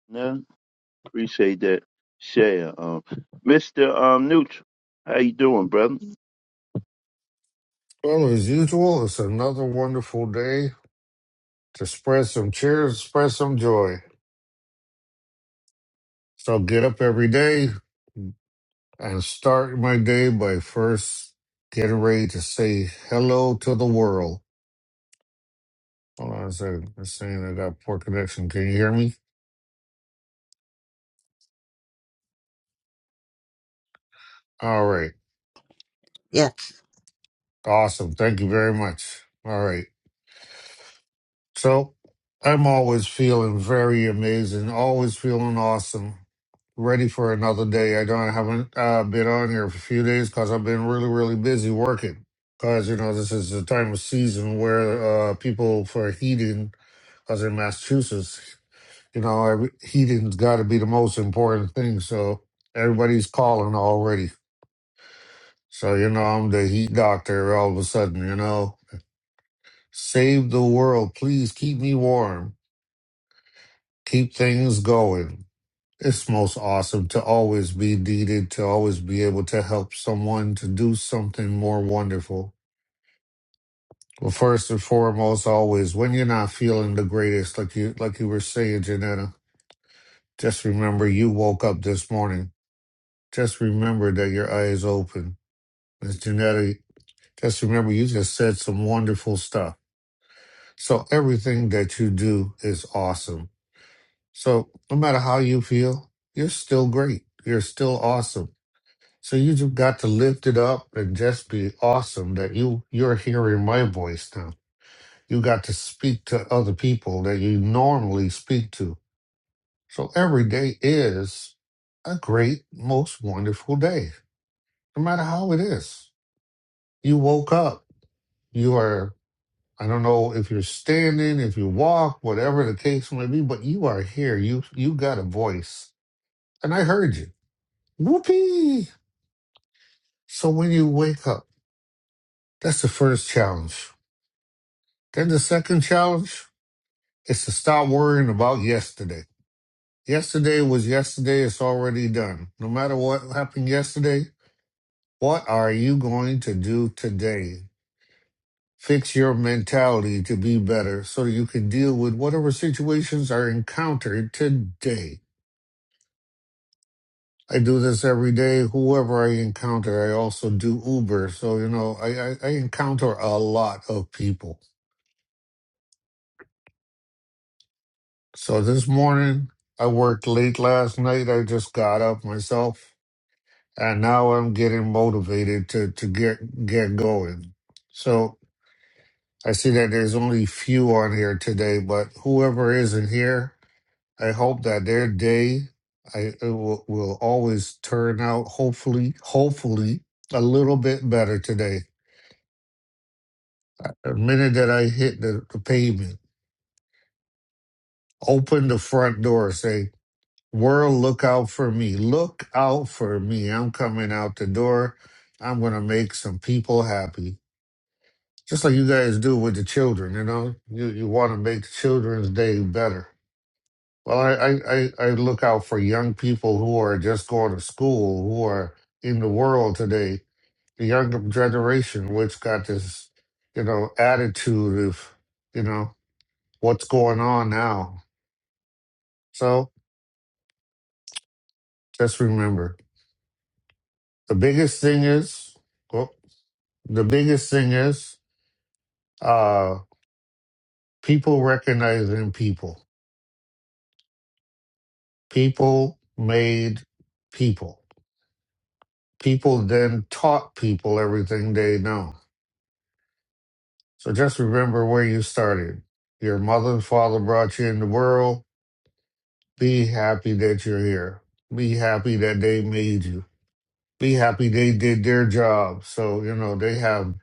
Janetta, appreciate that share. Um, Mr. Um, Neutral, how you doing, brother?
Well, as usual, it's another wonderful day to spread some cheers, spread some joy. So get up every day and start my day by first getting ready to say hello to the world. Hold on a second. It's saying I got poor connection. Can you hear me? All right.
Yes.
Awesome. Thank you very much. All right. So I'm always feeling very amazing, always feeling awesome, ready for another day. I don't I haven't uh, been on here for a few days because I've been really, really busy working. Because you know this is the time of season where uh, people for heating, because in Massachusetts, you know every, heating's got to be the most important thing. So everybody's calling already. So you know I'm the heat doctor all of a sudden. You know, save the world, please keep me warm. keep things going. It's most awesome to always be needed, to always be able to help someone to do something more wonderful. Well, first and foremost, always when you're not feeling the greatest, like you like you were saying, Janetta, just remember you woke up this morning. Just remember that your eyes open. Miss Janetta, just remember you just said some wonderful stuff. So everything that you do is awesome. So no matter how you feel, you're still great. You're still awesome So you just got to lift it up and just be awesome that you you're hearing my voice now. You got to speak to other people that you normally speak to. So every day is a great, most wonderful day, no matter how it is. You woke up. You are I don't know if you're standing, if you walk, whatever the case may be, but you are here. You you got a voice, and I heard you. Whoopee! So when you wake up, that's the first challenge Then the second challenge is to stop worrying about yesterday. Yesterday was yesterday, it's already done. No matter what happened yesterday, what are you going to do today? Fix your mentality to be better so that you can deal with whatever situations are encountered today. I do this every day. Whoever I encounter, I also do Uber. So, you know, I, I, I encounter a lot of people. So this morning, I worked late last night. I just got up myself and now I'm getting motivated to to get get going. So I see that there's only few on here today, but whoever is in here, I hope that their day I it will, will always turn out hopefully hopefully a little bit better today. The minute that I hit the, the pavement, open the front door, say, "World, look out for me! Look out for me! I'm coming out the door. I'm gonna make some people happy." just like you guys do with the children, you know, you, you want to make children's day better. Well, I, I, I I look out for young people who are just going to school, who are in the world today, the younger generation, which got this, you know, attitude of, you know, what's going on now. So just remember the biggest thing is, well, the biggest thing is, uh, people recognizing people. People made people People then taught people everything they know. So just remember where you started. Your mother and father brought you in the world. Be happy that you're here. Be happy that they made you. Be happy they did their job. So, you know, they have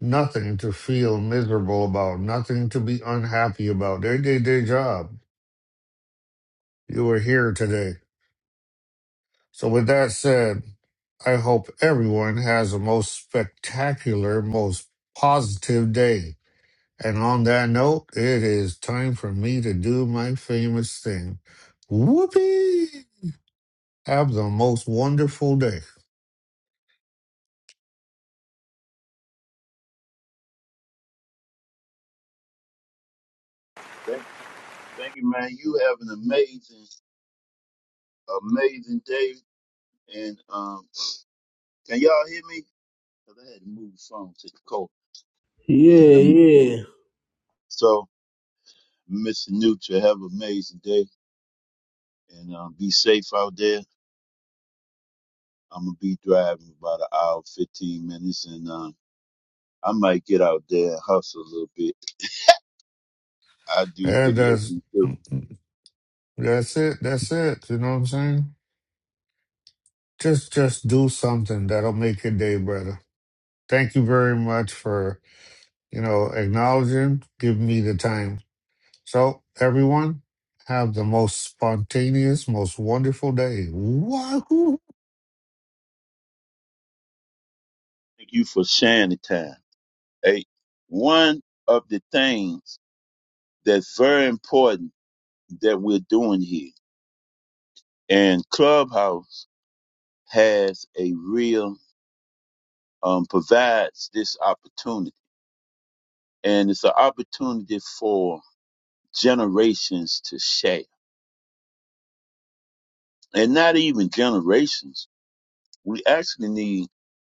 nothing to feel miserable about, nothing to be unhappy about. They did their job. You were here today. So, with that said, I hope everyone has a most spectacular, most positive day. And on that note, it is time for me to do my famous thing. Whoopee! Have the most wonderful day.
Thank, thank you, man. You have an amazing, amazing day. And um, can y'all hear me? 'Cause I had to move the phone to the cold.
Yeah,
Um,
yeah.
So, Mr. Neutral, have an amazing day and um, be safe out there. I'm gonna be driving about an hour, fifteen minutes, and um, I might get out there and hustle a little bit. I do
And that's
delivery too.
that's it. That's it. You know what I'm saying? Just just do something that'll make your day better. Thank you very much for you know acknowledging, giving me the time. So everyone, have the most spontaneous, most wonderful day. Wahoo!
Thank you for sharing the time. Hey, one of the things that's very important that we're doing here, and Clubhouse has a real um, provides this opportunity, and it's an opportunity for generations to share, and not even generations. We actually need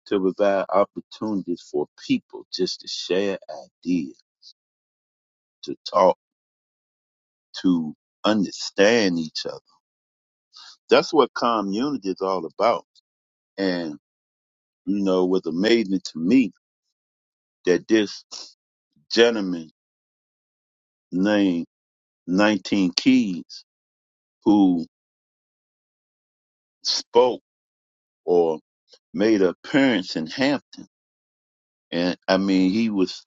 to provide opportunities for people just to share ideas to talk, to understand each other. That's what community is all about. And, you know, it was amazing to me that this gentleman named 19 Keys, who spoke or made an appearance in Hampton, and I mean, he was,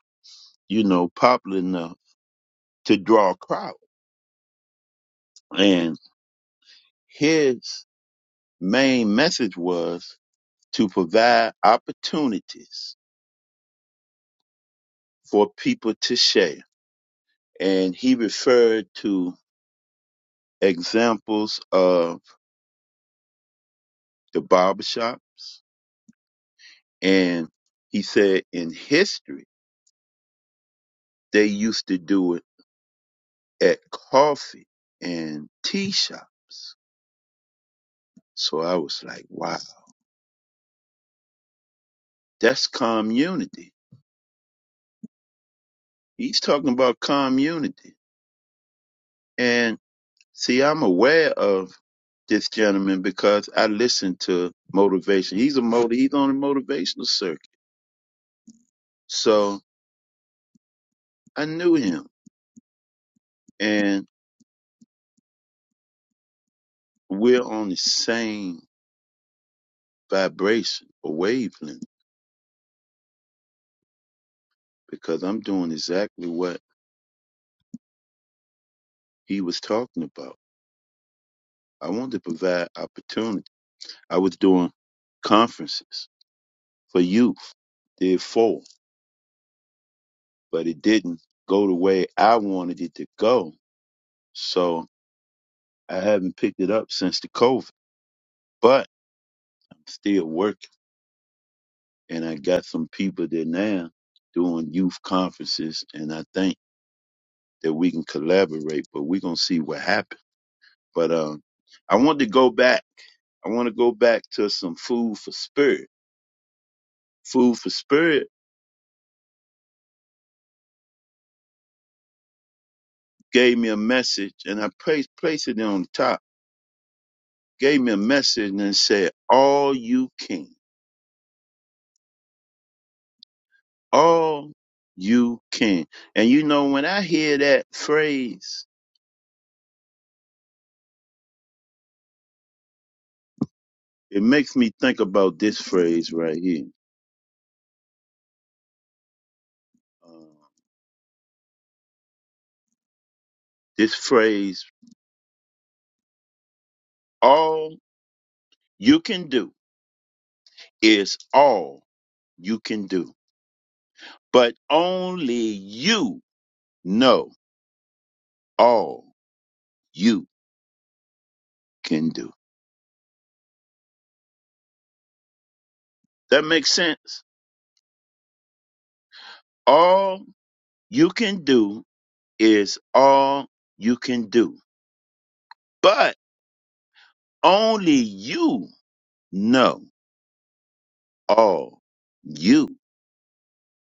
you know, popular enough to draw a crowd. And his main message was to provide opportunities for people to share. and he referred to examples of the barbershops and he said in history they used to do it at coffee and tea shops so i was like wow that's community he's talking about community and see i'm aware of this gentleman because i listen to motivation he's a motiv- he's on a motivational circuit so i knew him and. we're on the same vibration or wavelength because I'm doing exactly what he was talking about. I wanted to provide opportunity. I was doing conferences for youth, did four, but it didn't go the way I wanted it to go. So I haven't picked it up since the COVID, but I'm still working and I got some people there now doing youth conferences and I think that we can collaborate, but we're going to see what happens But um, I want to go back. I want to go back to some food for spirit. Food for spirit gave me a message, and I placed placed it on top. Gave me a message and said, "All you can, all you can." And you know, when I hear that phrase, it makes me think about this phrase right here. Uh, this phrase, "All you can do," is all you can do, but only you know. all you can do. That makes sense. All you can do is all you can do. But only you know all you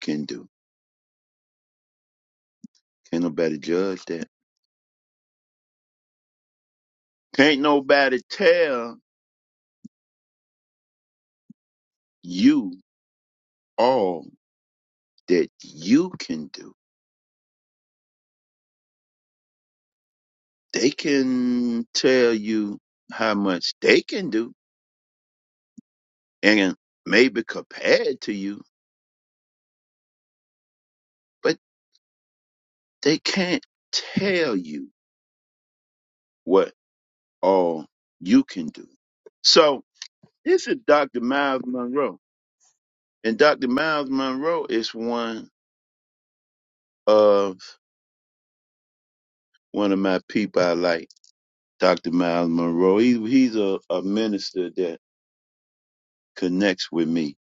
can do. Can't nobody judge that. Can't nobody tell you all that you can do. They can tell you how much they can do and maybe compare it to you, but they can't tell you what. all you can do. So this is Dr. Miles Monroe. And Dr. Miles Monroe is one of one of my people I like, Dr. Miles Monroe. He, he's a, a minister that connects with me.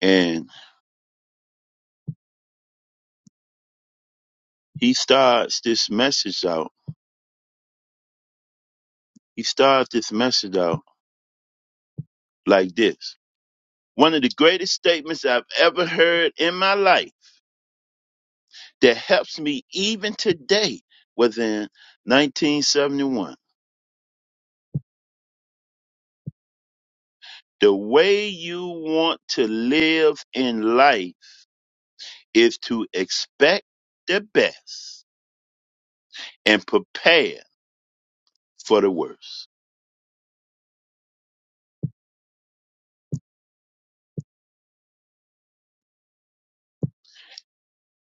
And he starts this message out. He starts this message out like this. One of the greatest statements I've ever heard in my life that helps me even today was in 1971. The way you want to live in life is to expect the best and prepare for the worst.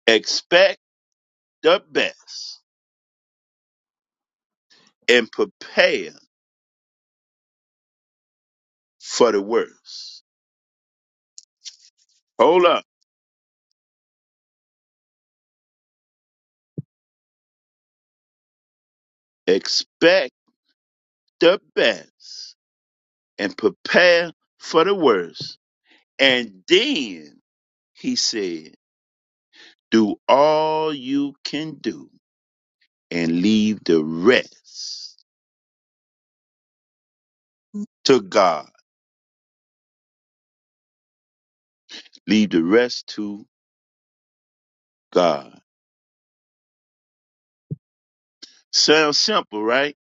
Expect the best and prepare for the worst. Hold up. Expect the best and prepare for the worst. And then he said, do all you can do and leave the rest to God. Leave the rest to God. Sounds simple, right?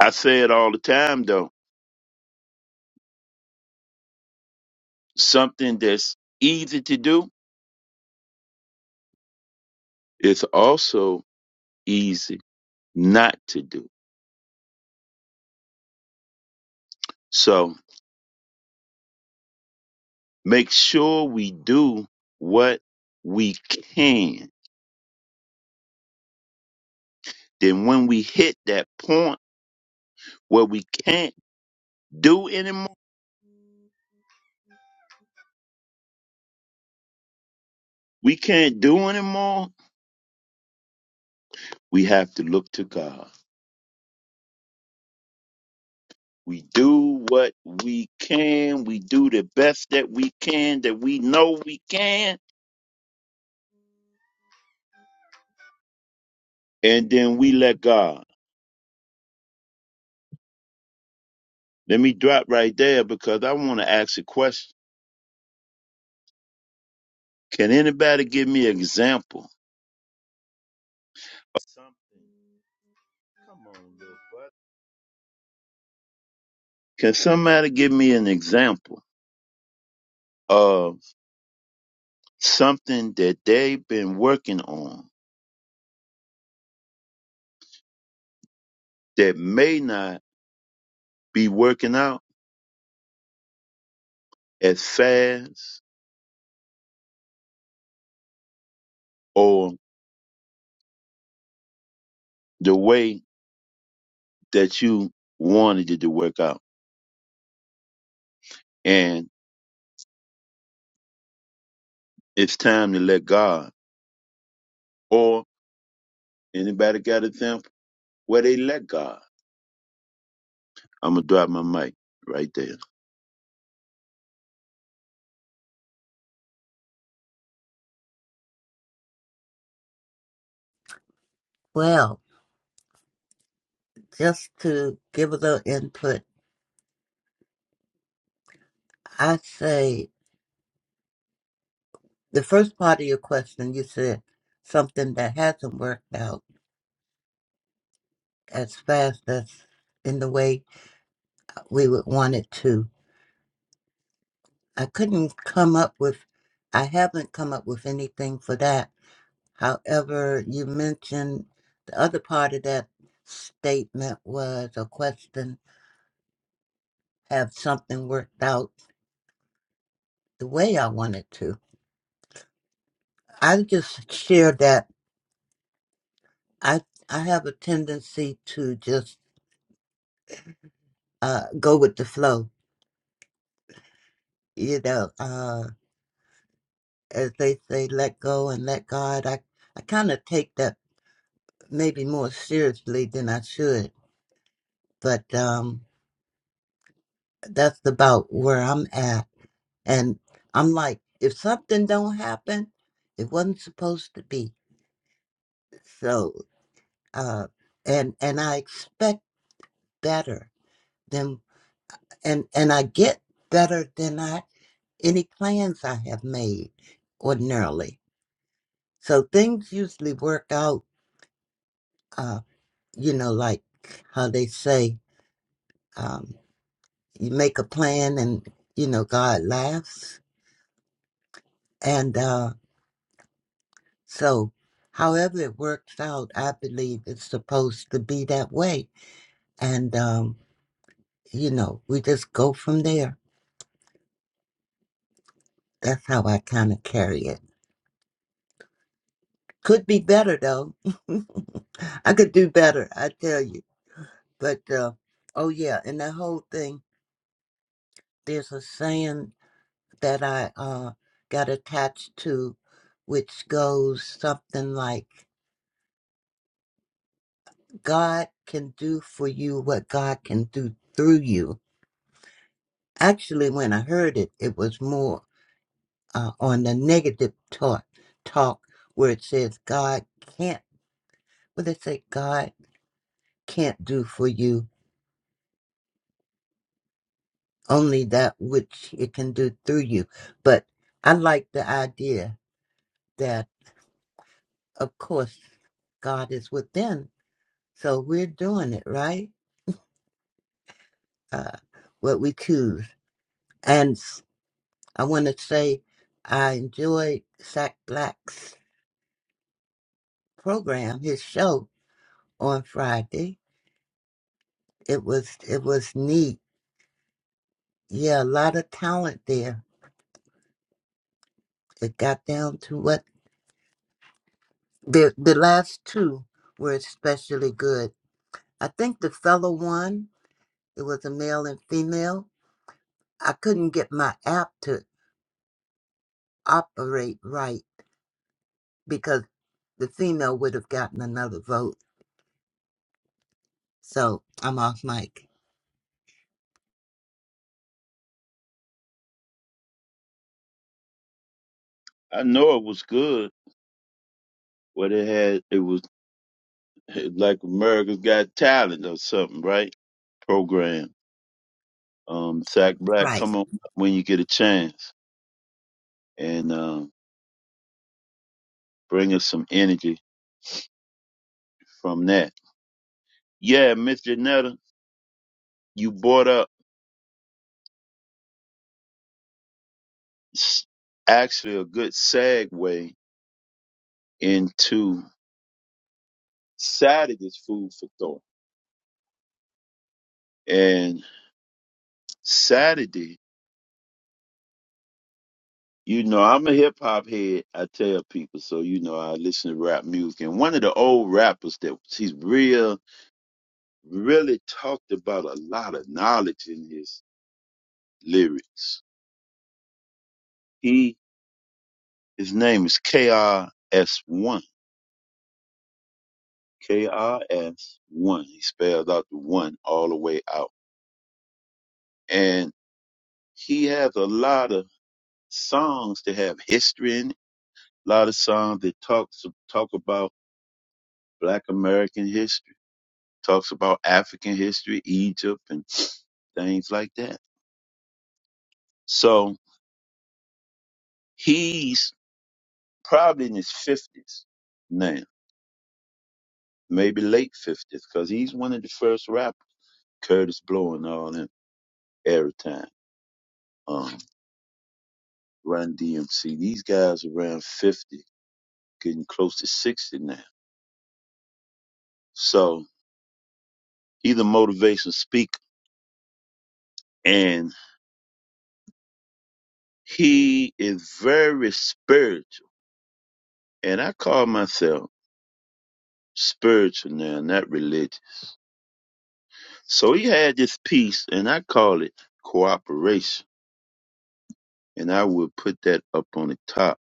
I say it all the time, though. Something that's easy to do is also easy not to do. So make sure we do what we can. Then when we hit that point where we can't do anymore, we can't do anymore, we have to look to God. We do what we can. We do the best that we can, that we know we can and then we let God. Let me drop right there because I want to ask a question. Can anybody give me an example of something? Come on, little buddy. Can somebody give me an example of something that they've been working on that may not be working out as fast or the way that you wanted it to work out? And it's time to let God. Or anybody got an example where they let God? I'm gonna drop my mic right there.
Well, just to give a little input, I say the first part of your question you said something that hasn't worked out as fast as in the way we would want it to. I couldn't come up with I haven't come up with anything for that However, you mentioned the other part of that statement was a question, have something worked out the way I wanted to. I just share that I I have a tendency to just uh, go with the flow, you know, uh, as they say, let go and let God. I, I kind of take that maybe more seriously than I should, but um, that's about where I'm at And I'm like, if something don't happen, it wasn't supposed to be. So, uh, and and I expect better than and and I get better than I any plans I have made ordinarily. So things usually work out. Uh, you know, like how they say, um, you make a plan and you know God laughs. And uh, So, however it works out, I believe it's supposed to be that way. And, um, you know, we just go from there. That's how I kind of carry it. Could be better, though. I could do better, I tell you. But, uh, oh, yeah, and that whole thing, there's a saying that I uh, got attached to, which goes something like God can do for you what God can do through you. actually when i heard it it was more uh, on the negative talk talk where it says god can't what they say god can't do for you only that which it can do through you but i like the idea that of course god is within so we're doing it right uh, what we choose and s- i want to say i enjoyed sack black's program his show on friday it was it was neat. Yeah, a lot of talent there. It got down to what the the last two were especially good. I think the fellow one, it was a male and female. I couldn't get my app to operate right because the female would have gotten another vote. So I'm off mic.
I know it was good, but it had it was like America's Got Talent or something, right? Program. Um, Zach Black,
Right.
come on when you get a chance and um, bring us some energy from that. Yeah, Miss Janetta, you brought up s- actually a good segue into Saturday's food for thought. And Saturday You know, I'm a hip hop head. I tell people, so you know, I listen to rap music. And one of the old rappers that he's real, really talked about a lot of knowledge in his lyrics. He, his name is KRS1. KRS1. He spells out the one all the way out. And he has a lot of songs that have history in it. A lot of songs that talks talk about Black American history talks about African history, Egypt, and things like that. So he's probably in his 50s now, maybe late 50s, because he's one of the first rappers, Curtis Blow and all them, Airtime, um, Run DMC. These guys around 50, getting close to 60 now. So he's a motivational speaker, and he is very spiritual. And I call myself spiritual now, not religious So he had this piece, and I call it cooperation, and I will put that up on the top.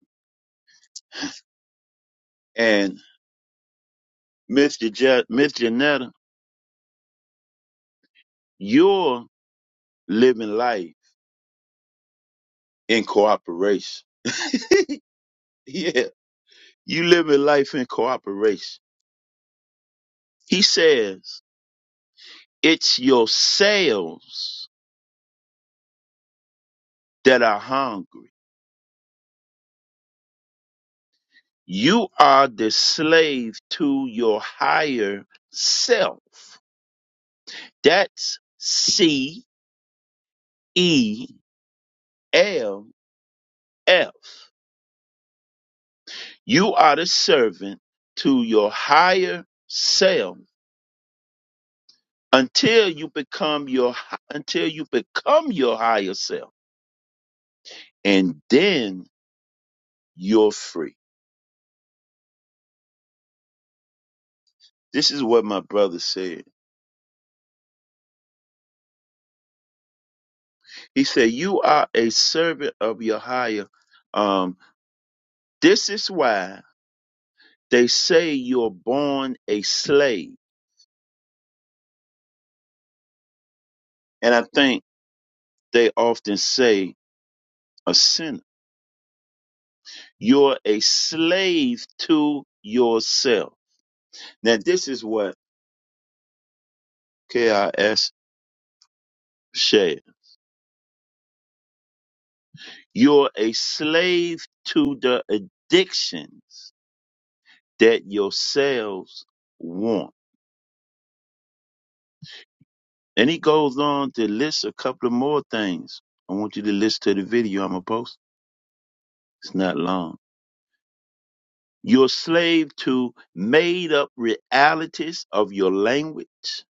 And Mr. Je- Miss Janetta, you're living life in cooperation. Yeah, you living life in cooperation. He says it's yourselves that are hungry. You are the slave to your higher self. That's C E L F. You are the servant to your higher self until you become your hi- until you become your higher self, and then you're free. This is what my brother said. He said, "You are a servant of your higher." Um, this is why they say you're born a slave, and I think they often say a sinner. You're a slave to yourself. Now, this is what K-I-S, Shay. You're a slave to the addictions that yourselves want. And he goes on to list a couple of more things. I want you to listen to the video I'm going to post. It's not long. You're a slave to made up realities of your language.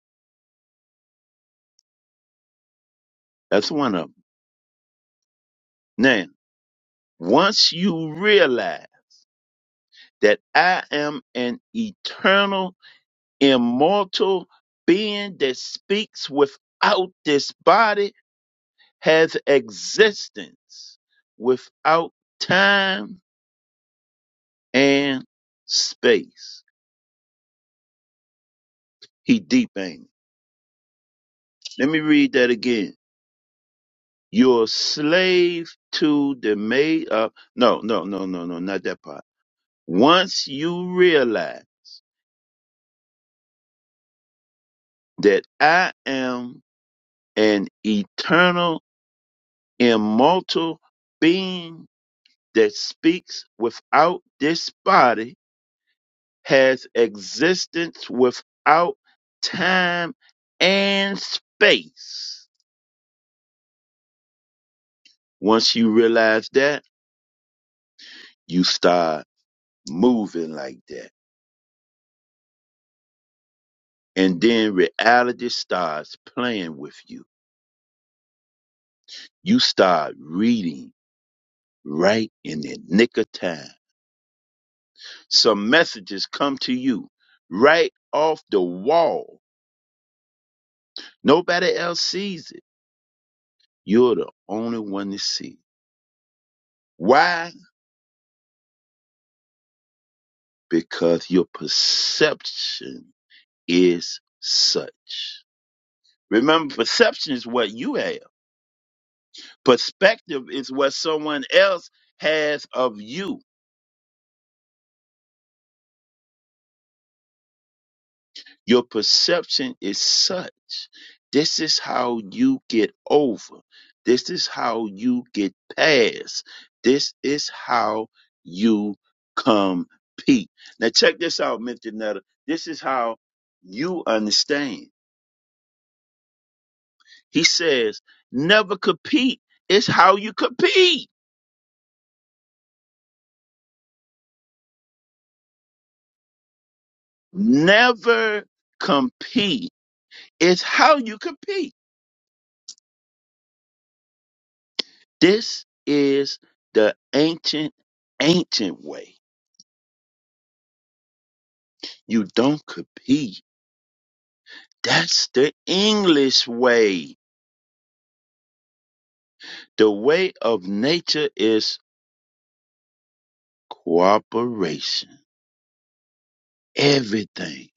That's one of them. Now, once you realize that I am an eternal immortal being that speaks without this body has existence without time and space. He deep ain't. it? Let me read that again. You're a slave to the made up. No, no, no, no, no, not that part. Once you realize that I am an eternal, immortal being that speaks without this body has existence without time and space. Once you realize that, you start moving like that. And then reality starts playing with you. You start reading right in the nick of time. Some messages come to you right off the wall. Nobody else sees it. You're the only one to see. Why? because your perception is such. Remember, perception is what you have. Perspective is what someone else has of you. Your perception is such. This is how you get over. This is how you get past. This is how you compete. Now check this out, Mr. Nutter. This is how you understand. He says, never compete. It's how you compete. Never compete. It's how you compete. This is the ancient, ancient way. You don't compete. That's the English way. The way of nature is cooperation. Everything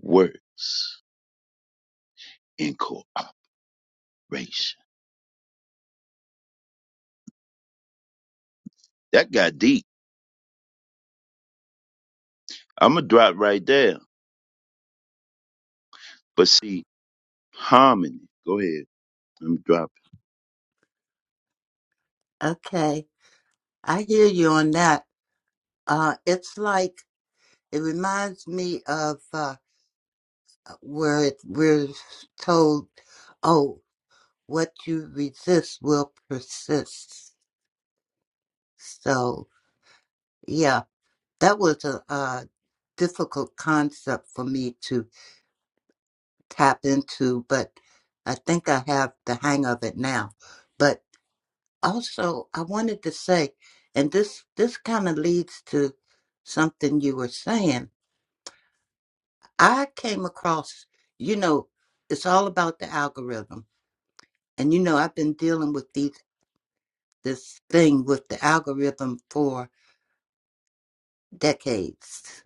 works in cooperation. That got deep. I'm going to drop right there. But see, harmony. Go ahead. I'm dropping
Okay. I hear you on that. Uh it's like it reminds me of where it, we're told, oh, what you resist will persist. So, yeah, that was a, uh difficult concept for me to tap into, but I think I have the hang of it now. But also, I wanted to say, and this, this kind of leads to something you were saying. I came across, you know, it's all about the algorithm. And you know, I've been dealing with these this thing with the algorithm for decades.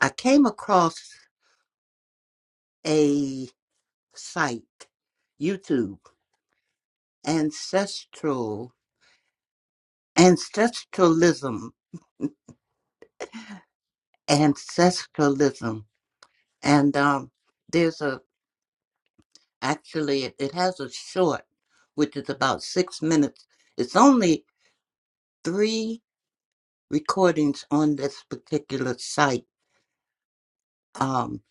I came across a site, YouTube, ancestral, ancestralism, ancestralism, and um, there's a actually it, it has a short, which is about six minutes. It's only three recordings on this particular site. Um,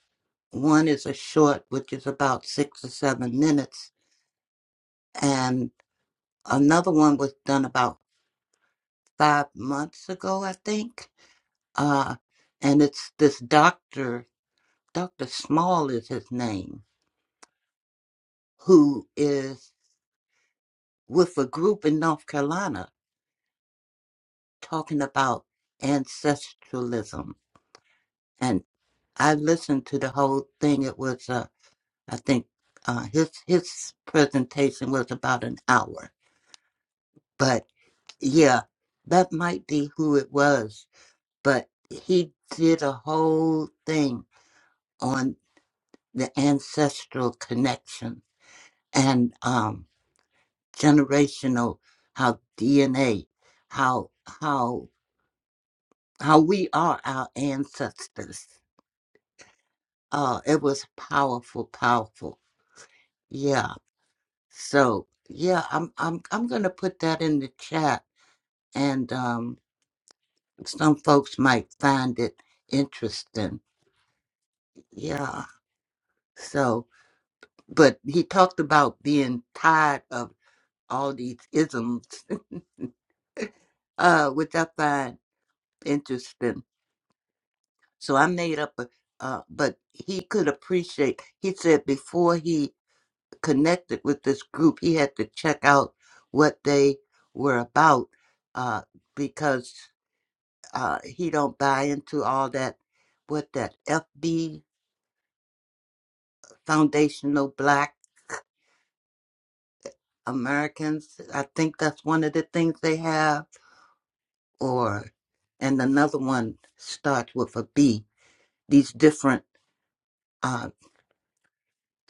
one is a short, which is about six or seven minutes, and another one was done about five months ago, I think. Uh, and it's this doctor, Dr. Small is his name, who is with a group in North Carolina talking about ancestralism. And I listened to the whole thing. It was, uh, I think, uh, his his presentation was about an hour. But yeah, that might be who it was. But he did a whole thing on the ancestral connection and um, generational how DNA how how how we are our ancestors. Uh, it was powerful, powerful. Yeah. So yeah, I'm I'm I'm gonna put that in the chat, and um, some folks might find it interesting. Yeah. So, but he talked about being tired of all these isms uh, which I find interesting. So I made up a, uh, but he could appreciate. He said before he connected with this group, he had to check out what they were about uh, because uh, he don't buy into all that. What that FB Foundational Black Americans, I think that's one of the things they have, or and another one starts with a B. These different uh,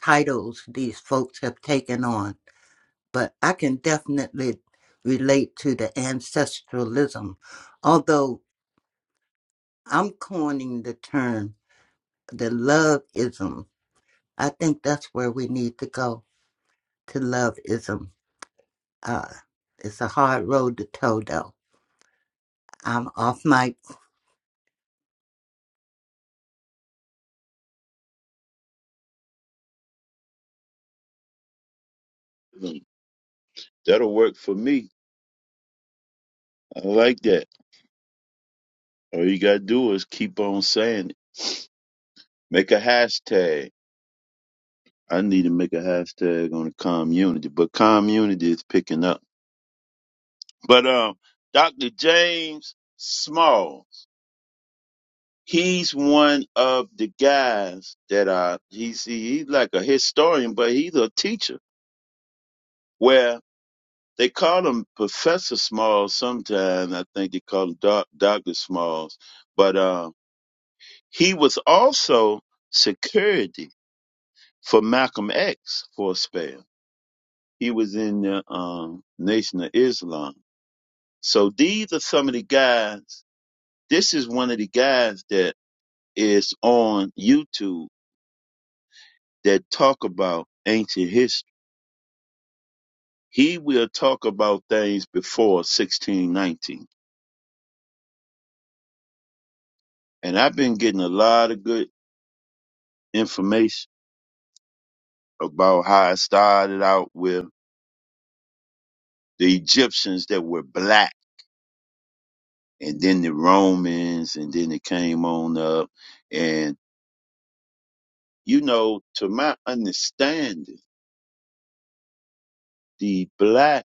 titles these folks have taken on, but I can definitely relate to the ancestralism. Although I'm coining the term the loveism, I think that's where we need to go to loveism. Uh, it's a hard road to toe, though. I'm off mic
them. That'll work for me. I like that. All you gotta do is keep on saying it. Make a hashtag. I need to make a hashtag on the community, but community is picking up. But um, Dr. James Small, he's one of the guys that I he's he- he's like a historian, but he's a teacher. Where they call him Professor Small sometimes. I think they call him Doc, Doctor Smalls, but um He was also security for Malcolm X for a spell. He was in the um, Nation of Islam. So these are some of the guys. This is one of the guys that is on YouTube that talk about ancient history. He will talk about things before 1619. And I've been getting a lot of good information about how it started out with the Egyptians that were black and then the Romans, and then it came on up. And, you know, to my understanding, the black,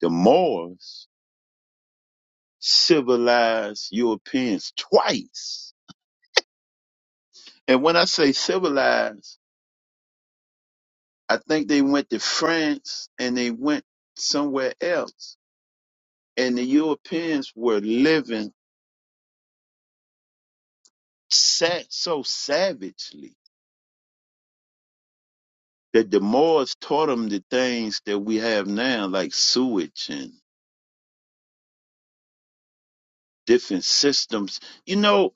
the Moors civilized Europeans twice. And when I say civilized, I think they went to France and they went somewhere else. And the Europeans were living sa- so savagely that the Moors taught them the things that we have now, like sewage and. different systems. You know,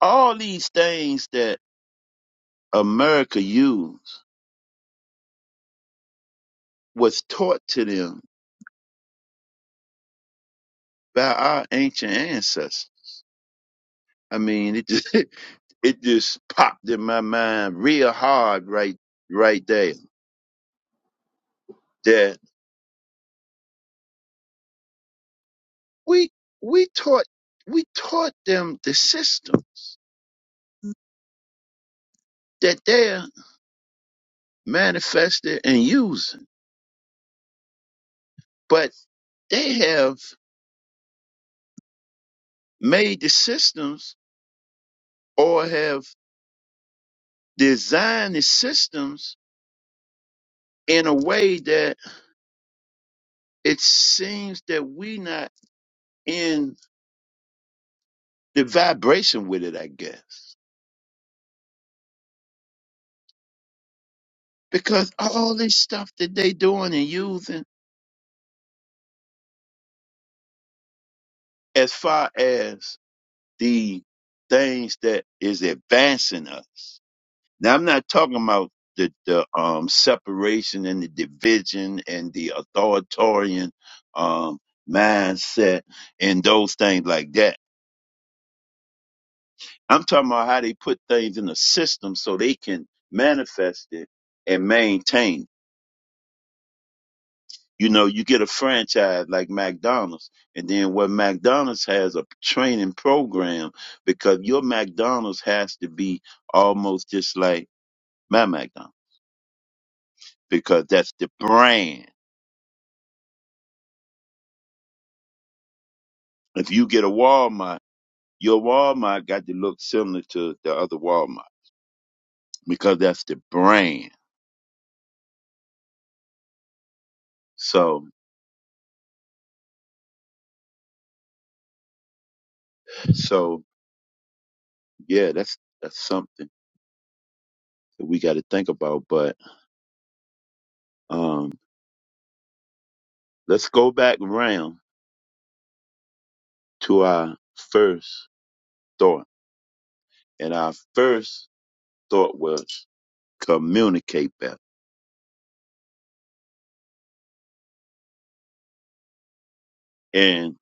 all these things that America used was taught to them by our ancient ancestors. I mean, it just it just popped in my mind real hard right right there that we we taught we taught them the systems that they're manifested and using, but they have made the systems or have designed the systems in a way that it seems that we not in the vibration with it, I guess. Because all this stuff that they doing and using as far as the things that is advancing us. Now I'm not talking about the, the um separation and the division and the authoritarian um mindset and those things like that. I'm talking about how they put things in the system so they can manifest it and maintain. You know, you get a franchise like McDonald's, and then what McDonald's has a training program because your McDonald's has to be almost just like my McDonald's because that's the brand. If you get a Walmart, your Walmart got to look similar to the other Walmart because that's the brand. So, so yeah, that's that's something. that we got to think about. But um, let's go back around to our first thought. And our first thought was communicate better. And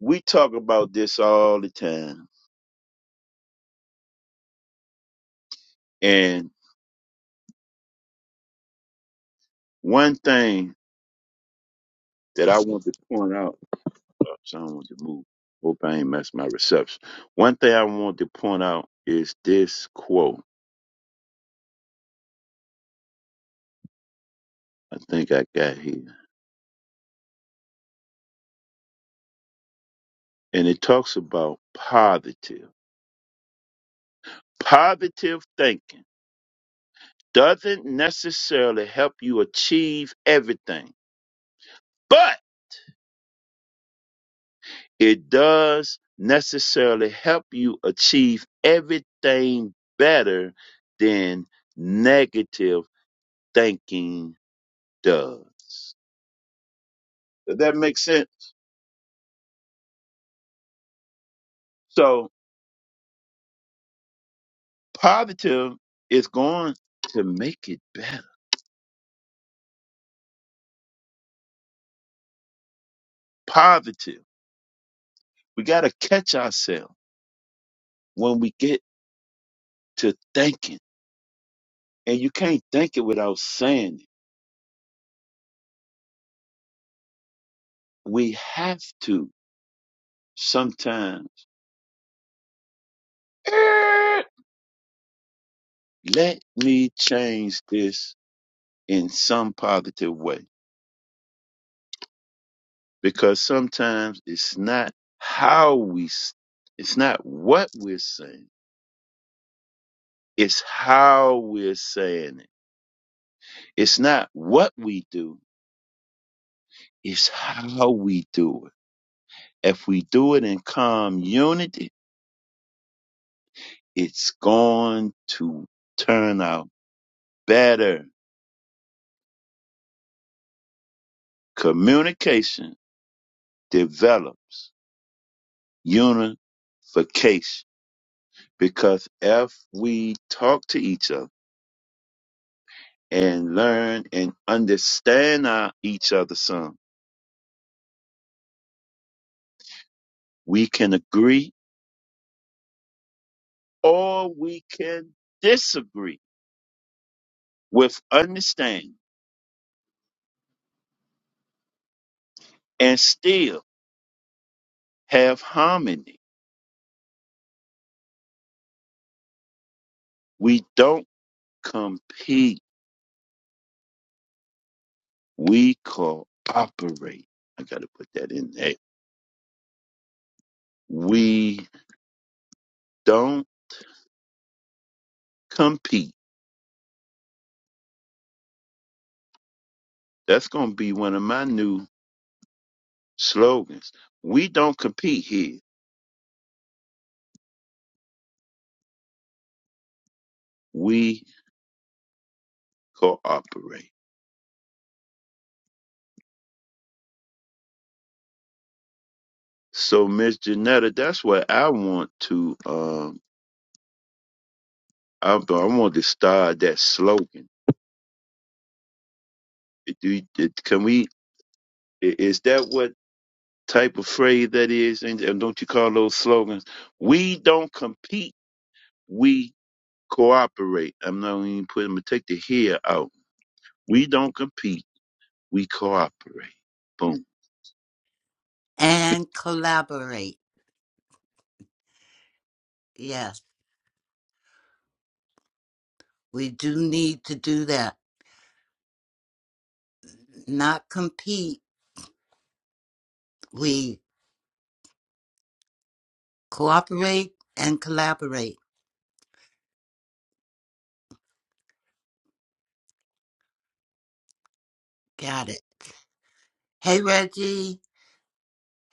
we talk about this all the time. And one thing that I want to point out, oh, so I want to move. Hope I ain't messed my reception. One thing I want to point out is this quote I think I got here. And it talks about positive, positive thinking doesn't necessarily help you achieve everything, but it does necessarily help you achieve everything better than negative thinking does. Does that make sense? So positive is going to make it better. Positive. We got to catch ourselves when we get to thinking. And you can't think it without saying it. We have to sometimes "Eh, let me change this in some positive way because sometimes it's not how we s- it's not what we're saying it's how we're saying it it's not what we do it's how we do it if we do it in calm unity it's going to turn out better communication develops unification Because if we talk to each other and learn and understand our, each other some, we can agree or we can disagree with understanding and still have harmony. We don't compete. We cooperate. I got to put that in there. We don't compete. That's going to be one of my new slogans. We don't compete here. We cooperate. So Miss Janetta, that's what I want to um I, I want to start that slogan. Do you- it- can we i- is that what type of phrase that is and, and don't you call those slogans? We don't compete, we cooperate. I'm not even putting I'm gonna take the here out. We don't compete, we cooperate. Boom.
and collaborate. Yes, we do need to do that. Not compete. We cooperate and collaborate. Got it. Hey Reggie,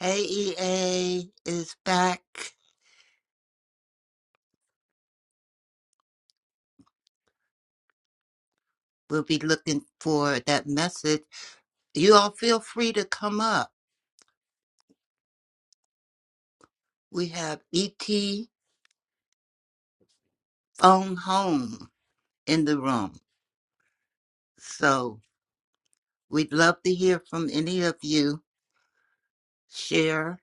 hey EA is back. We'll be looking for that message. You all feel free to come up. We have ET phone home in the room. So we'd love to hear from any of you. Share.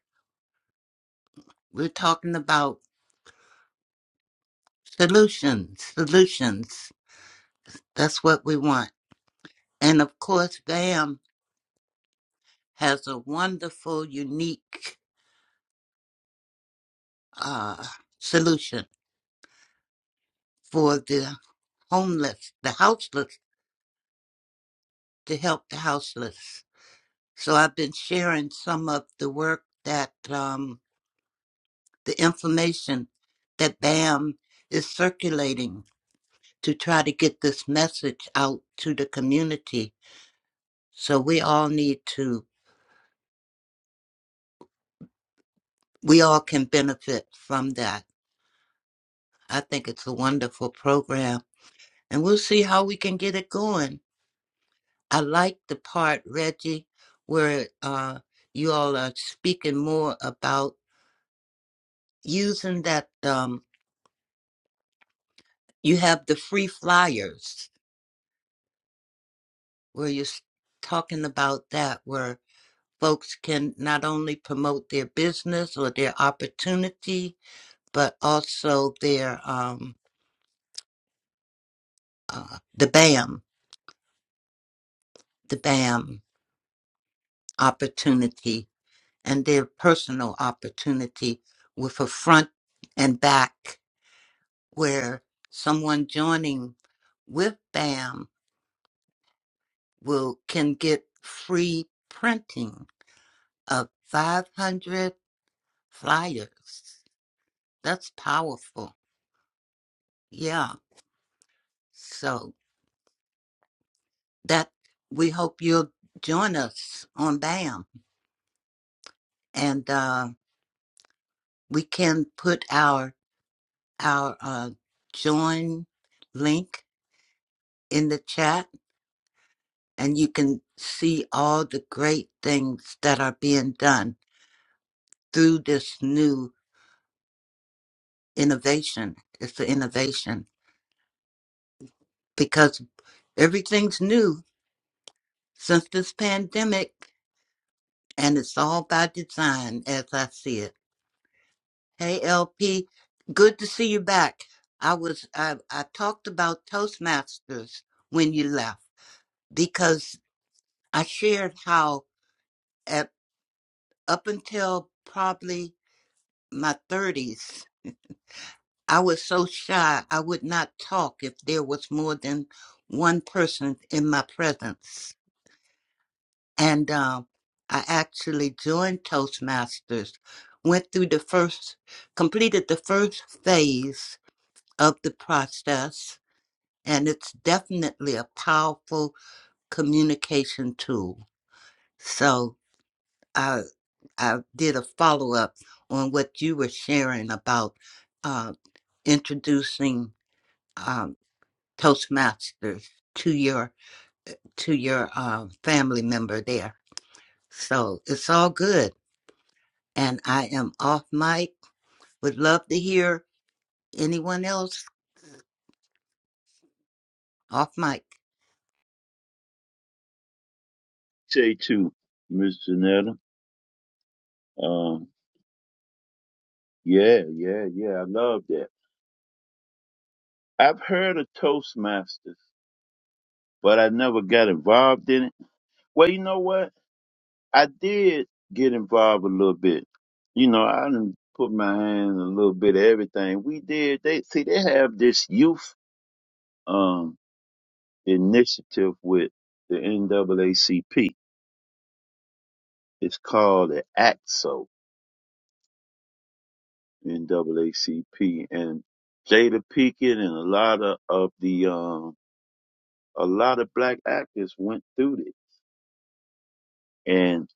We're talking about solutions, solutions. That's what we want. And of course, VAM has a wonderful, unique uh, solution for the homeless, the houseless, to help the houseless. So I've been sharing some of the work that um, the information that BAM is circulating to try to get this message out to the community. So we all need to, we all can benefit from that. I think it's a wonderful program and we'll see how we can get it going. I like the part, Reggie, where uh, you all are speaking more about using that um you have the free flyers where you're s- talking about that where folks can not only promote their business or their opportunity but also their um uh, the bam the bam opportunity and their personal opportunity with a front and back where someone joining with bam will can get free printing of 500 flyers. That's powerful. Yeah. So that we hope you'll join us on BAM and uh, we can put our our uh, join link in the chat and you can see all the great things that are being done through this new innovation. It's an innovation because everything's new since this pandemic and it's all by design as I see it. Hey LP, good to see you back. I was I, I talked about Toastmasters when you left because I shared how at up until probably my thirties, I was so shy I would not talk if there was more than one person in my presence. and um, I actually joined Toastmasters, went through the first, completed the first phase of the process, and it's definitely a powerful communication tool. So I I did a follow up on what you were sharing about uh, introducing um, Toastmasters to your to your uh, family member there. So it's all good, and I am off mic Would love to hear anyone else off mic.
Say two, Miss Janetta. Um yeah, yeah, yeah. I love that. I've heard of Toastmasters but I never got involved in it. Well, you know what? I did get involved a little bit. You know, I did put my hand in a little bit of everything. We did. They see they have this youth um initiative with the NAACP. It's called the AXO NAACP, and Jada Pinkett and a lot of, of the um a lot of black actors went through it, and.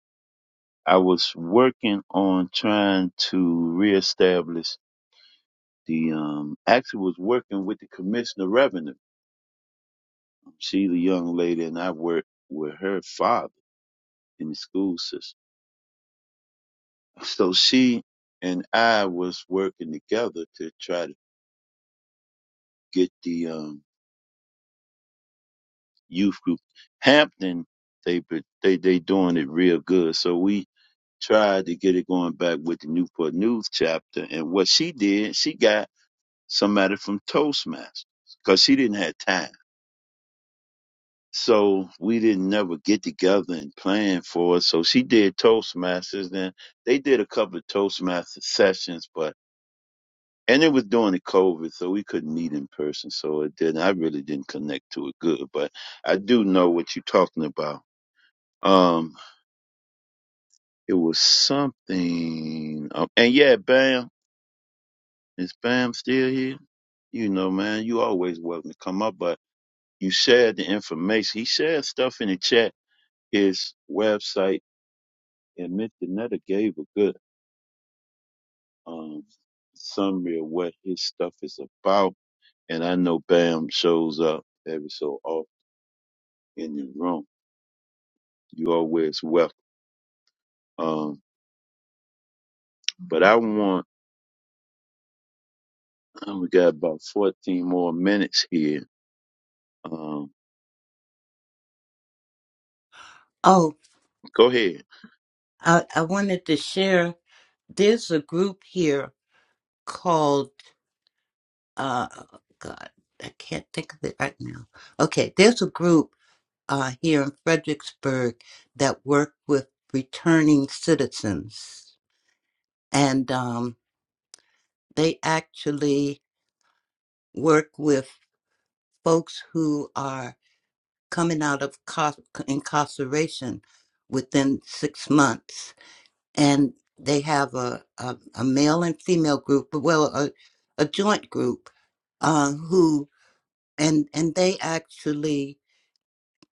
I was working on trying to reestablish the um actually was working with the commissioner of revenue. She's a young lady and I worked with her father in the school system. So she and I was working together to try to get the um youth group Hampton they but they they doing it real good. So we tried to get it going back with the Newport News chapter and what she did, she got somebody from Toastmasters because she didn't have time. So we didn't never get together and plan for it. So she did Toastmasters. Then they did a couple of Toastmaster sessions, but and it was during the COVID, so we couldn't meet in person. So it didn't. I really didn't connect to it good, but I do know what you're talking about. Um, it was something. Um, and yeah, Bam, is Bam still here? You know, man, you always welcome to come up, but You shared the information. He shared stuff in the chat, his website, and Mr. Netta gave a good um, summary of what his stuff is about. And I know Bam shows up every so often in the room. You always welcome. Um, but I want, uh, we got about 14 more minutes here. Um,
Oh,
go ahead.
I, I wanted to share. There's a group here called, uh, God, I can't think of it right now. Okay, there's a group uh, here in Fredericksburg that work with returning citizens. And um, they actually work with folks who are coming out of cos- incarceration within six months and they have a, a, a male and female group, well, a, a joint group, uh, who and and they actually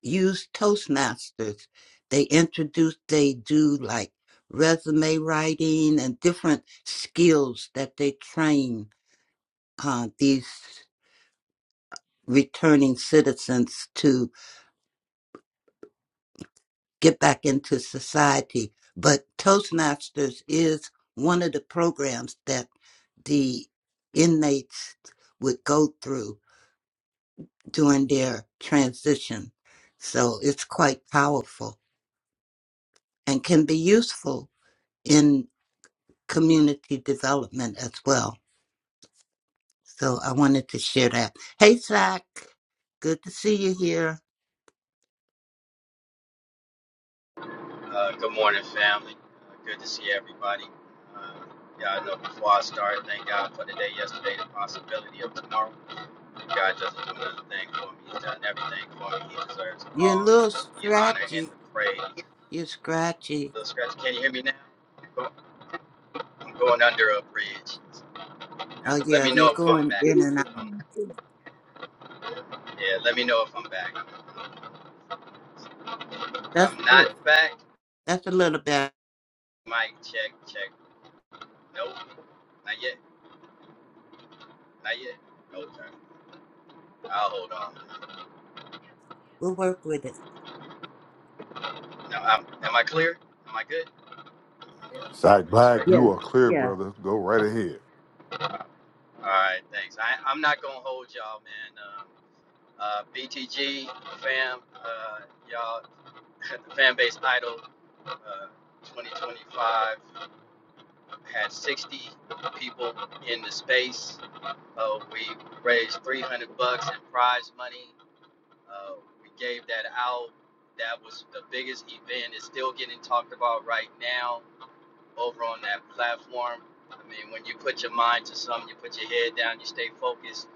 use Toastmasters. They introduce, they do like resume writing and different skills that they train uh, these returning citizens to get back into society. But Toastmasters is one of the programs that the inmates would go through during their transition. So it's quite powerful and can be useful in community development as well. So I wanted to share that. Hey, Zach, good to see you here.
Uh, good morning, family. Uh, good to see everybody. Uh, yeah, I know before I start, thank God for the day yesterday, the possibility of tomorrow. God doesn't do another thing for me. He's done everything for me. He deserves
You're a
all
little
the honor and
scratchy.
the praise.
You're scratchy.
Little Scratch, can you hear me now? I'm going under a bridge.
Oh
Let
yeah,
me
you're
know if
got
I'm
going
the
back.
in and out.
reason to
Yeah, let me know if I'm back. If
That's a
I'm
little,
not back,
that's a little bad.
mic check, check. Nope, not yet, not yet. No turn. I'll hold on.
We'll work with it.
Now, I'm, am I clear? Am I good?
Sack
I'm
Black,
straight. All
Yeah.
you are clear,
Yeah.
brother. Go right ahead.
right, thanks. I, I'm not gonna hold y'all, man. Um, uh, BTG fam, uh, y'all, the fan base idol, uh, 2025 had 60 people in the space. Uh, we raised 300 bucks in prize money. Uh, we gave that out. That was the biggest event. It's still getting talked about right now. over on that platform. I mean, when you put your mind to something, you put your head down, you stay focused.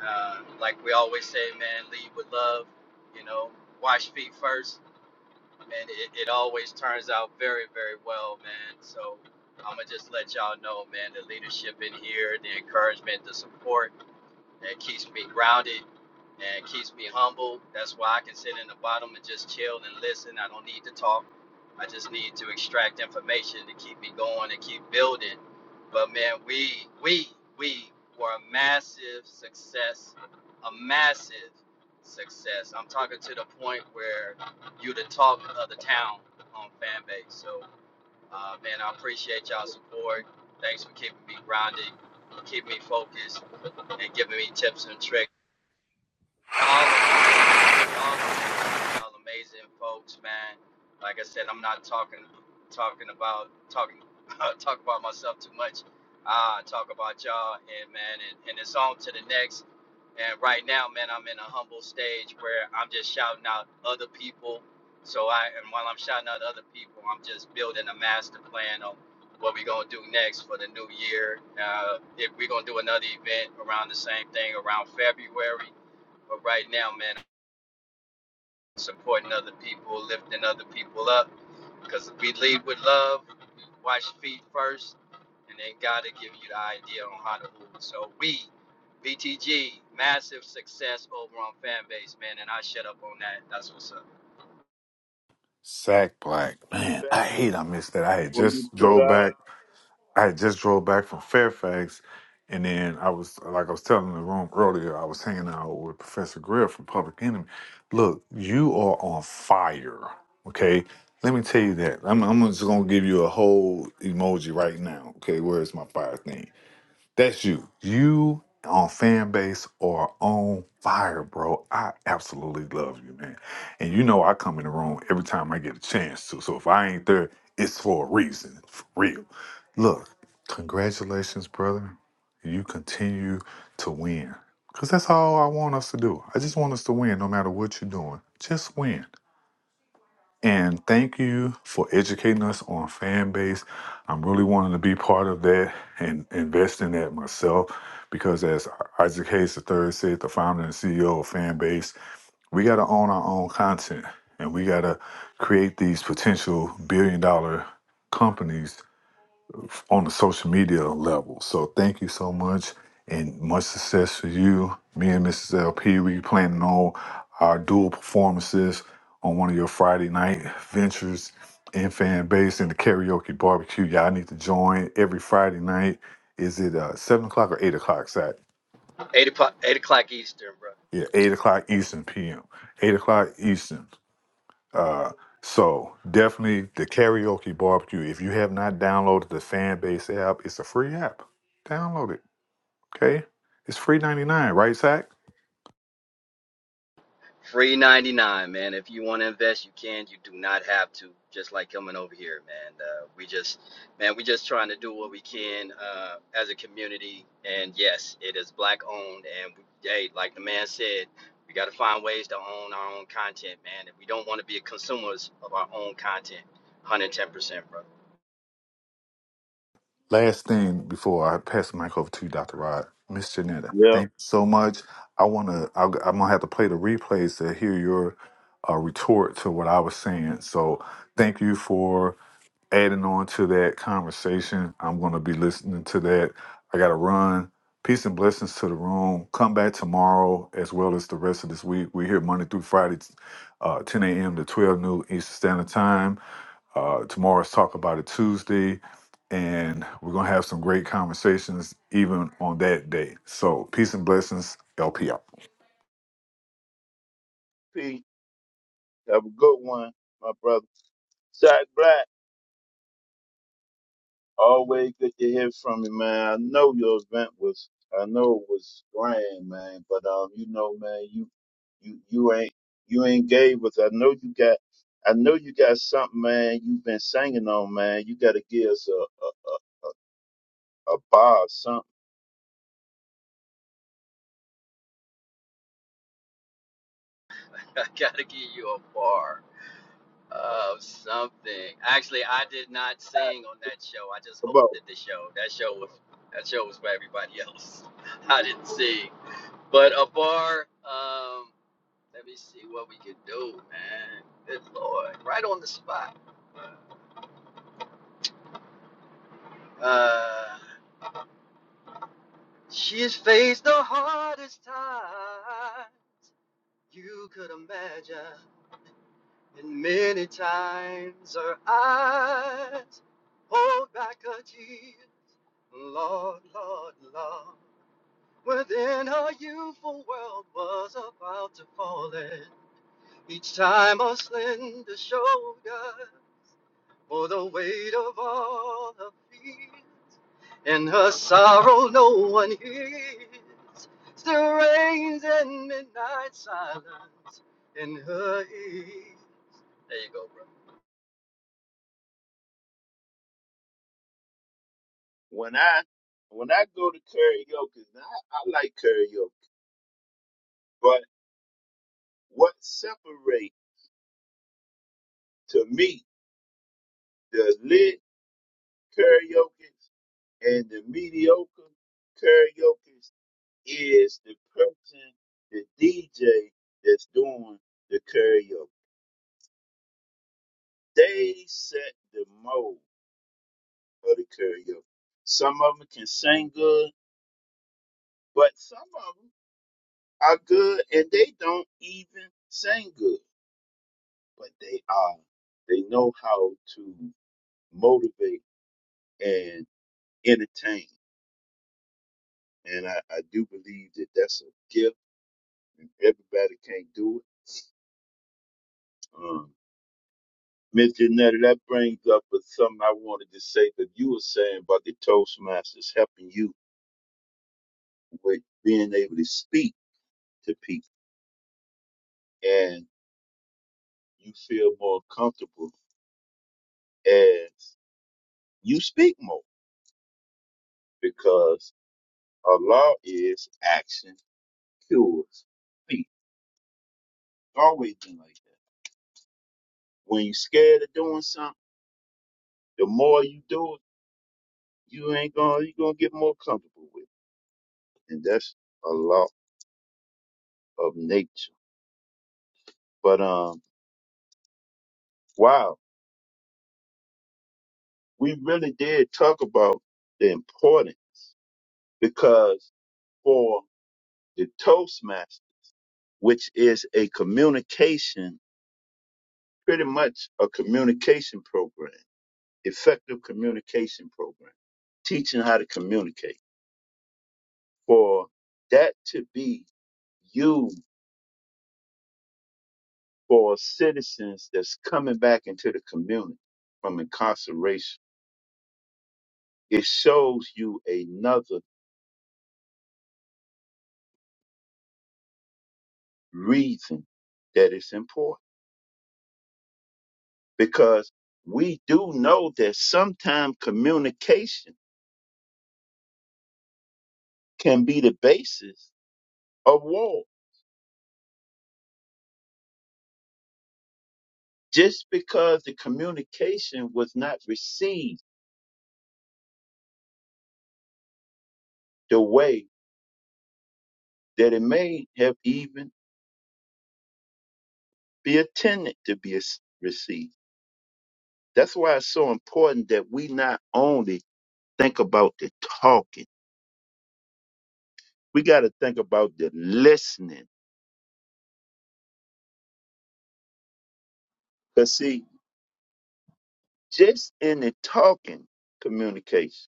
Uh, like we always say, man, lead with love. You know, wash feet first, and it, it always turns out very, very well, man. So I'm gonna just let y'all know, man, the leadership in here, the encouragement, the support it keeps me grounded and it keeps me humble. That's why I can sit in the bottom and just chill and listen. I don't need to talk. I just need to extract information to keep me going and keep building. But man, we we we were a massive success, a massive success. I'm talking to the point where you the talk of the town on fan base. So uh, man, I appreciate y'all support. Thanks for keeping me grounded, keep me focused and giving me tips and tricks. Y'all are amazing. Y'all amazing. Y'all amazing folks, man. Like I said, I'm not talking talking about talking talk about myself too much. I talk about y'all and man and, and it's on to the next. And right now, man, I'm in a humble stage where I'm just shouting out other people. So I and while I'm shouting out other people, I'm just building a master plan on what we're gonna do next for the new year. Uh, if we're gonna do another event around the same thing around February but right now, man, I'm supporting other people, lifting other people up, because if we lead with love, wash feet first, and then God will give you the idea on how to move. So we, BTG, massive success over on fan base, man, and I shut up on that. That's what's up.
Sack Black. Man,
back
I hate I missed that. I had
when we
just
put
drove
out.
back. I had just drove back from Fairfax, and then I was like I was telling the room earlier. I was hanging out with Professor Greer from Public Enemy. Look, you are on fire. Okay, let me tell you that. I'm, I'm just gonna give you a whole emoji right now. Okay, where's my fire thing? That's you. You on fan base or on fire, bro. I absolutely love you, man. And you know I come in the room every time I get a chance to. So if I ain't there, it's for a reason. For real. Look, congratulations, brother. You continue to win. Cause that's all I want us to do. I just want us to win no matter what you're doing. Just win. And thank you for educating us on fan base. I'm really wanting to be part of that and invest in that myself because, as Isaac Hayes III said, the founder and CEO of Fanbase, we got to own our own content and we got to create these potential billion dollar companies on the social media level. So thank you so much and much success for you. Me and Mrs. LP, we planning on our dual performances on one of your Friday night ventures and fan base in the karaoke barbecue. Y'all need to join every Friday night. Is it uh, seven o'clock or eight o'clock? Sat
Eight o'clock, eight o'clock Eastern, bro.
yeah, eight o'clock Eastern PM. Eight o'clock Eastern. Uh, so definitely the karaoke barbecue. If you have not downloaded the fan base app, it's a free app. Download it Okay? It's free ninety nine, right, Zach?
Free 99, man. If you want to invest, you can. You do not have to. Just like coming over here, man. Uh, we just, man, we just trying to do what we can uh, as a community. And yes, it is black owned. And we, hey, like the man said, we got to find ways to own our own content, man. And we don't want to be consumers of our own content. 110%, bro.
Last thing before I pass the mic over to you, Dr. Rod. Miss Janetta,
Yep.
thank you so much. I wanna I'll, I'm gonna have to play the replays to hear your uh, retort to what I was saying. So thank you for adding on to that conversation. I'm going to be listening to that. I got to run. Peace and blessings to the room. Come back tomorrow as well as the rest of this week. We're here Monday through Friday, uh, 10 a.m. to 12 noon Eastern Standard Time. Uh, tomorrow's Talk About It Tuesday. And we're going to have some great conversations even on that day. So, peace and blessings. LP out.
Pete, have a good one, my brother. Shot Black. Always good to hear from you, man. I know your event was, I know it was grand, man. But um, you know, man, you, you, you ain't, you ain't gave us. I know you got, I know you got something, man. You've been singing on, man. You got to give us a, a, a, a bar or something.
I got to give you a bar. of something. Actually, I did not sing on that show. I just
About
hosted the show. That show was that show was for everybody else. I didn't sing. But a bar. Um, let me see what we can do, man. Good lord, right on the spot. Uh, she's faced the hardest time you could imagine. And many times her eyes hold back a tear. Lord, Lord, Lord, within her youthful world was about to fall in. Each time a slender shoulder bore the weight of all her fears. and her sorrow, no one hears. Still reigns in midnight silence in her ear. There you go, bro.
when I, when I go to karaoke, and I, I like karaoke, but what separate to me the lit karaoke and the mediocre karaoke is the person, the DJ that's doing the karaoke. They set the mode for the karaoke. Some of them can sing good, but some of them are good and they don't even sing good, but they are. They know how to motivate and entertain. And I, I do believe that that's a gift and everybody can't do it. Um, Mr. Nutter, that brings up with something I wanted to say that you were saying about the Toastmasters helping you with being able to speak to people and you feel more comfortable as you speak more because Allah is action cures speech. It's always been like that. When you're scared of doing something, the more you do it, you ain't gonna you gonna get more comfortable with it. And that's a law of nature. But um wow we really did talk about the importance because for the Toastmaster, which is a communication, pretty much a communication program, effective communication program, teaching how to communicate, for that to be used for citizens that's coming back into the community from incarceration, it shows you another reason that it's important because we do know that sometimes communication can be the basis of war. Just because the communication was not received the way that it may have even be intended to be as- received. That's why it's so important that we not only think about the talking, we got to think about the listening. Because, see, just in the talking communication,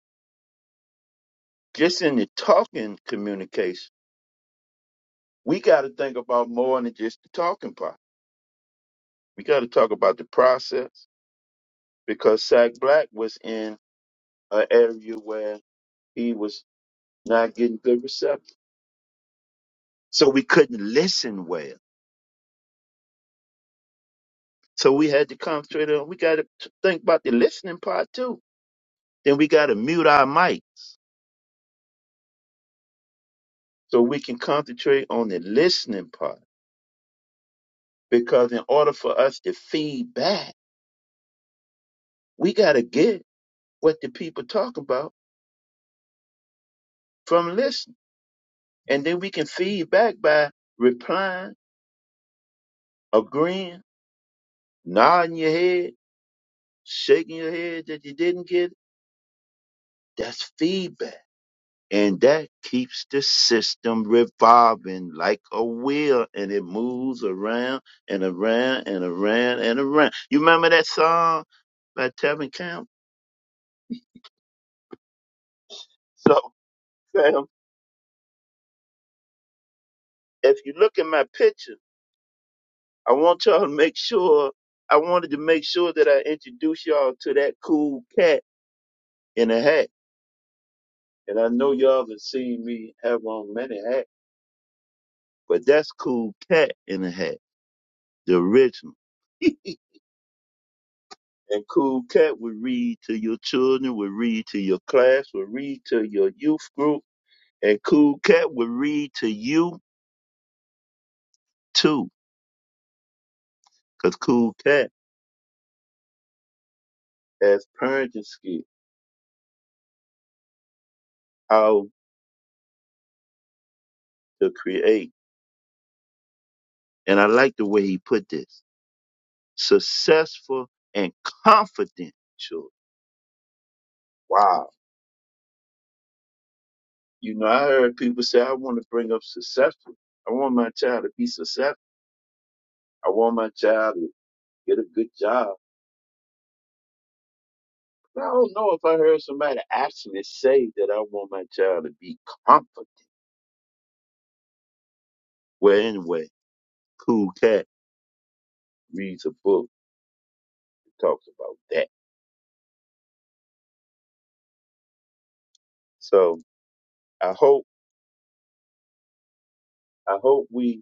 just in the talking communication, we got to think about more than just the talking part. We got to talk about the process because Sack Black was in an area where he was not getting good reception. So we couldn't listen well. So we had to concentrate on, we got to think about the listening part too. Then we got to mute our mics so we can concentrate on the listening part. Because in order for us to feed back, we got to get what the people talk about from listening. And then we can feed back by replying, agreeing, nodding your head, shaking your head that you didn't get it. That's feedback. And that keeps the system revolving like a wheel and it moves around and around and around and around. You remember that song by Tevin Campbell? So, fam, if you look at my picture, I want y'all to make sure, I wanted to make sure that I introduce y'all to that cool cat in a hat And I know y'all have seen me have on many hats, but that's Cool Cat in a hat, the original. and Cool Cat would read to your children, would read to your class, would read to your youth group, and Cool Cat would read to you too, because Cool Cat has parenting skill, how to create. And I like the way he put this: successful and confident children. Wow You know, I heard people say, I want to bring up successful. I want my child to be successful. I want my child to get a good job. But I don't know if I heard somebody actually say that I want my child to be confident. Well, anyway, Cool Cat reads a book that talks about that. So I hope, I hope we,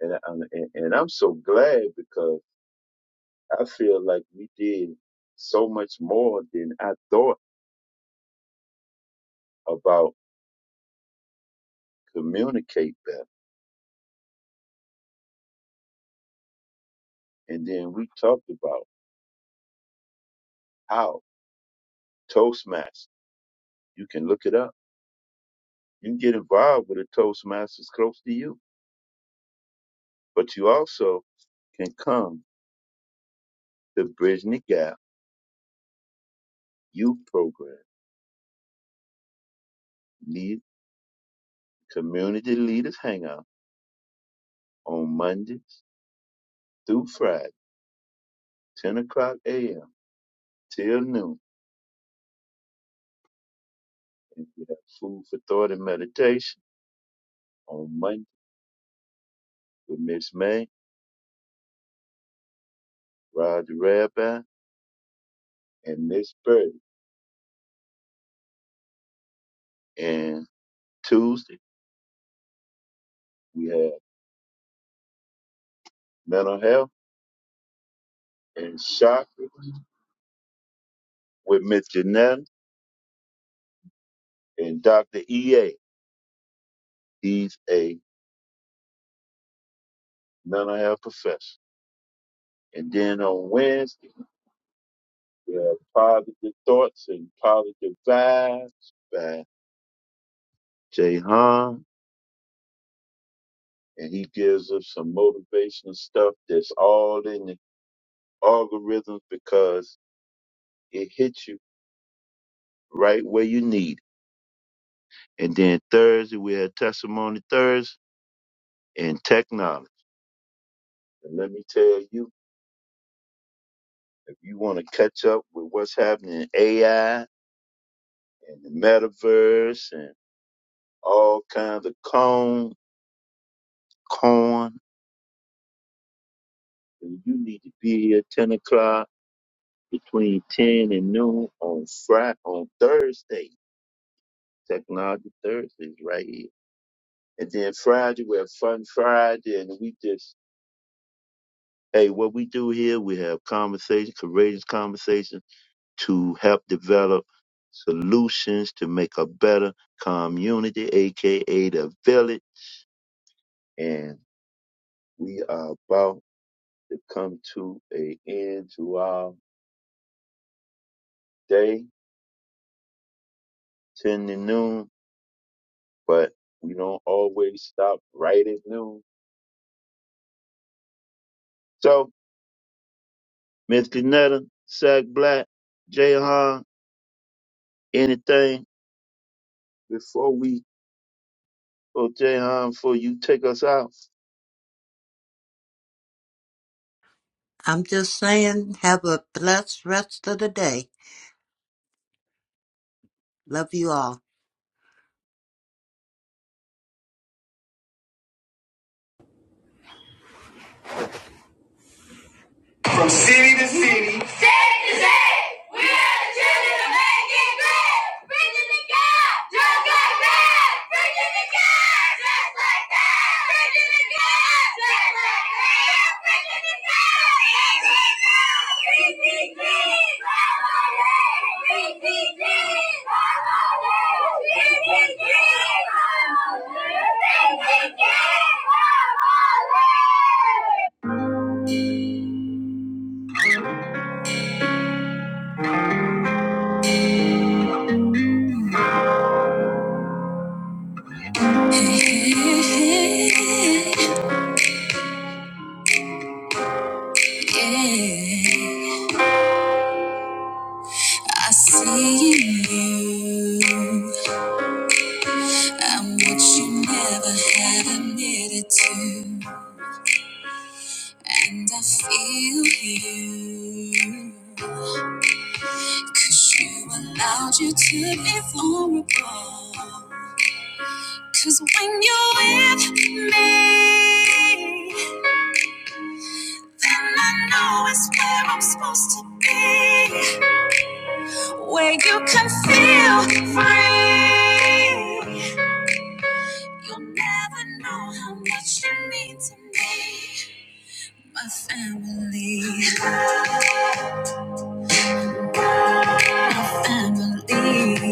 and, and, and and I'm so glad because I feel like we did so much more than I thought about communicate better. And then we talked about How? Toastmasters. You can look it up. You can get involved with a Toastmasters close to you, but you also can come to Bridging the Gap Youth Program, lead Community Leaders Hangout on Mondays through Friday, 10 o'clock a.m. till noon. And we have food for thought and meditation on Monday with Miss May, Roger Rabbi, and Miss Birdie. And Tuesday, we have mental health and chakra with Miss Janetta and Dr. EA. He's a mental health professional. And then on Wednesday, we have Positive Thoughts and Positive Vibes by Jay Han. And he gives us some motivational stuff that's all in the algorithms because it hits you right where you need. it. And then Thursday, we have Testimony Thursday and Technology. And let me tell you, if you want to catch up with what's happening in AI and the metaverse all kinds of corn, corn, and you need to be here ten o'clock between ten and noon on Friday on Thursday. Technology Thursdays right here. And then Friday we have fun Friday and we just hey, what we do here, we have conversation, courageous conversation to help develop solutions to make a better community, aka the village. And we are about to come to a end to our day, 10 to noon, but we don't always stop right at noon. So, Mr. Nutter, Sack Black, Jahan, anything before we go, Jahan, before you take us out?
I'm just saying, have a blessed rest of the day. Love you all.
From city to city. State to state. We are the children of making great. Preaching the God just like that. Preaching the God just like that. Preaching the God just like that. Preaching the God. PTG. PTG. PTG. PTG. PTG. I see in you. I'm what you never had admitted to. And I feel you. Cause you allowed you to be vulnerable. Cause when you're with me, then I know it's where I'm supposed to be. Where you can feel free. You'll never know how much you mean to me. My family, my family,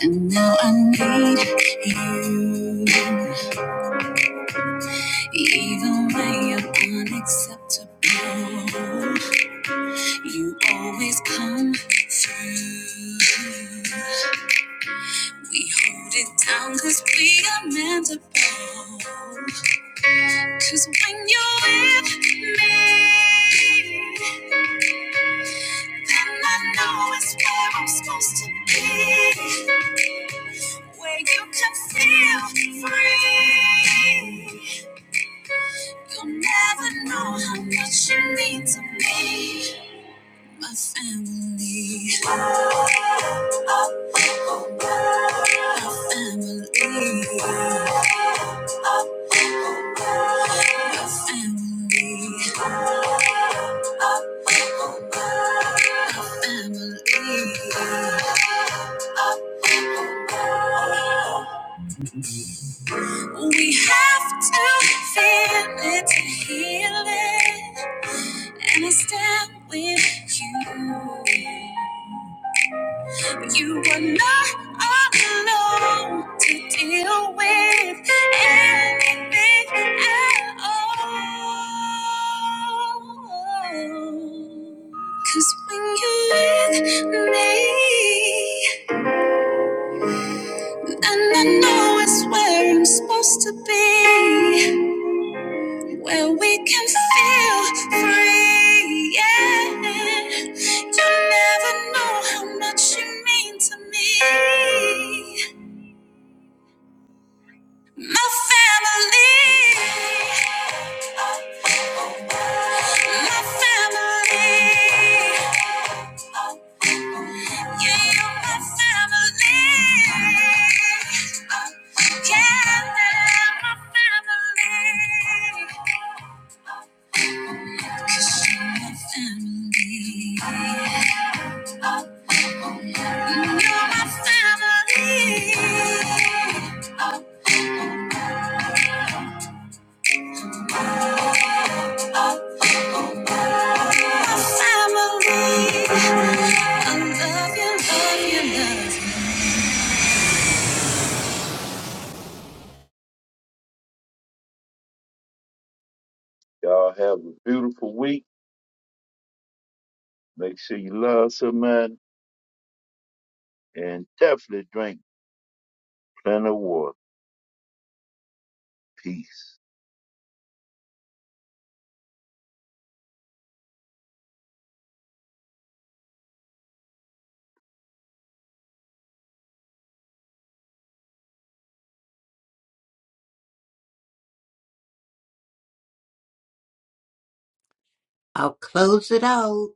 and now I need you. Even when you're unacceptable, you always come through. We hold it down cause we are mendable. Cause when you're with me, then I know it's where I'm supposed to be. where you can feel free. You'll never know how much you mean to me, my family. Oh, oh, oh, oh. My family. My family. We have to feel it to heal it, and I stand with you. You were not alone to deal with anything at all. Cause when you're with me, and I know it's where I'm supposed to be, where we can feel free, yeah. You never know how much you mean to me. My family, my family, yeah, you're my family. Oh, Yeah, my family, my family. You're my family.
Y'all have a beautiful week. Make sure you love somebody and definitely drink plenty of water. Peace.
I'll close it out.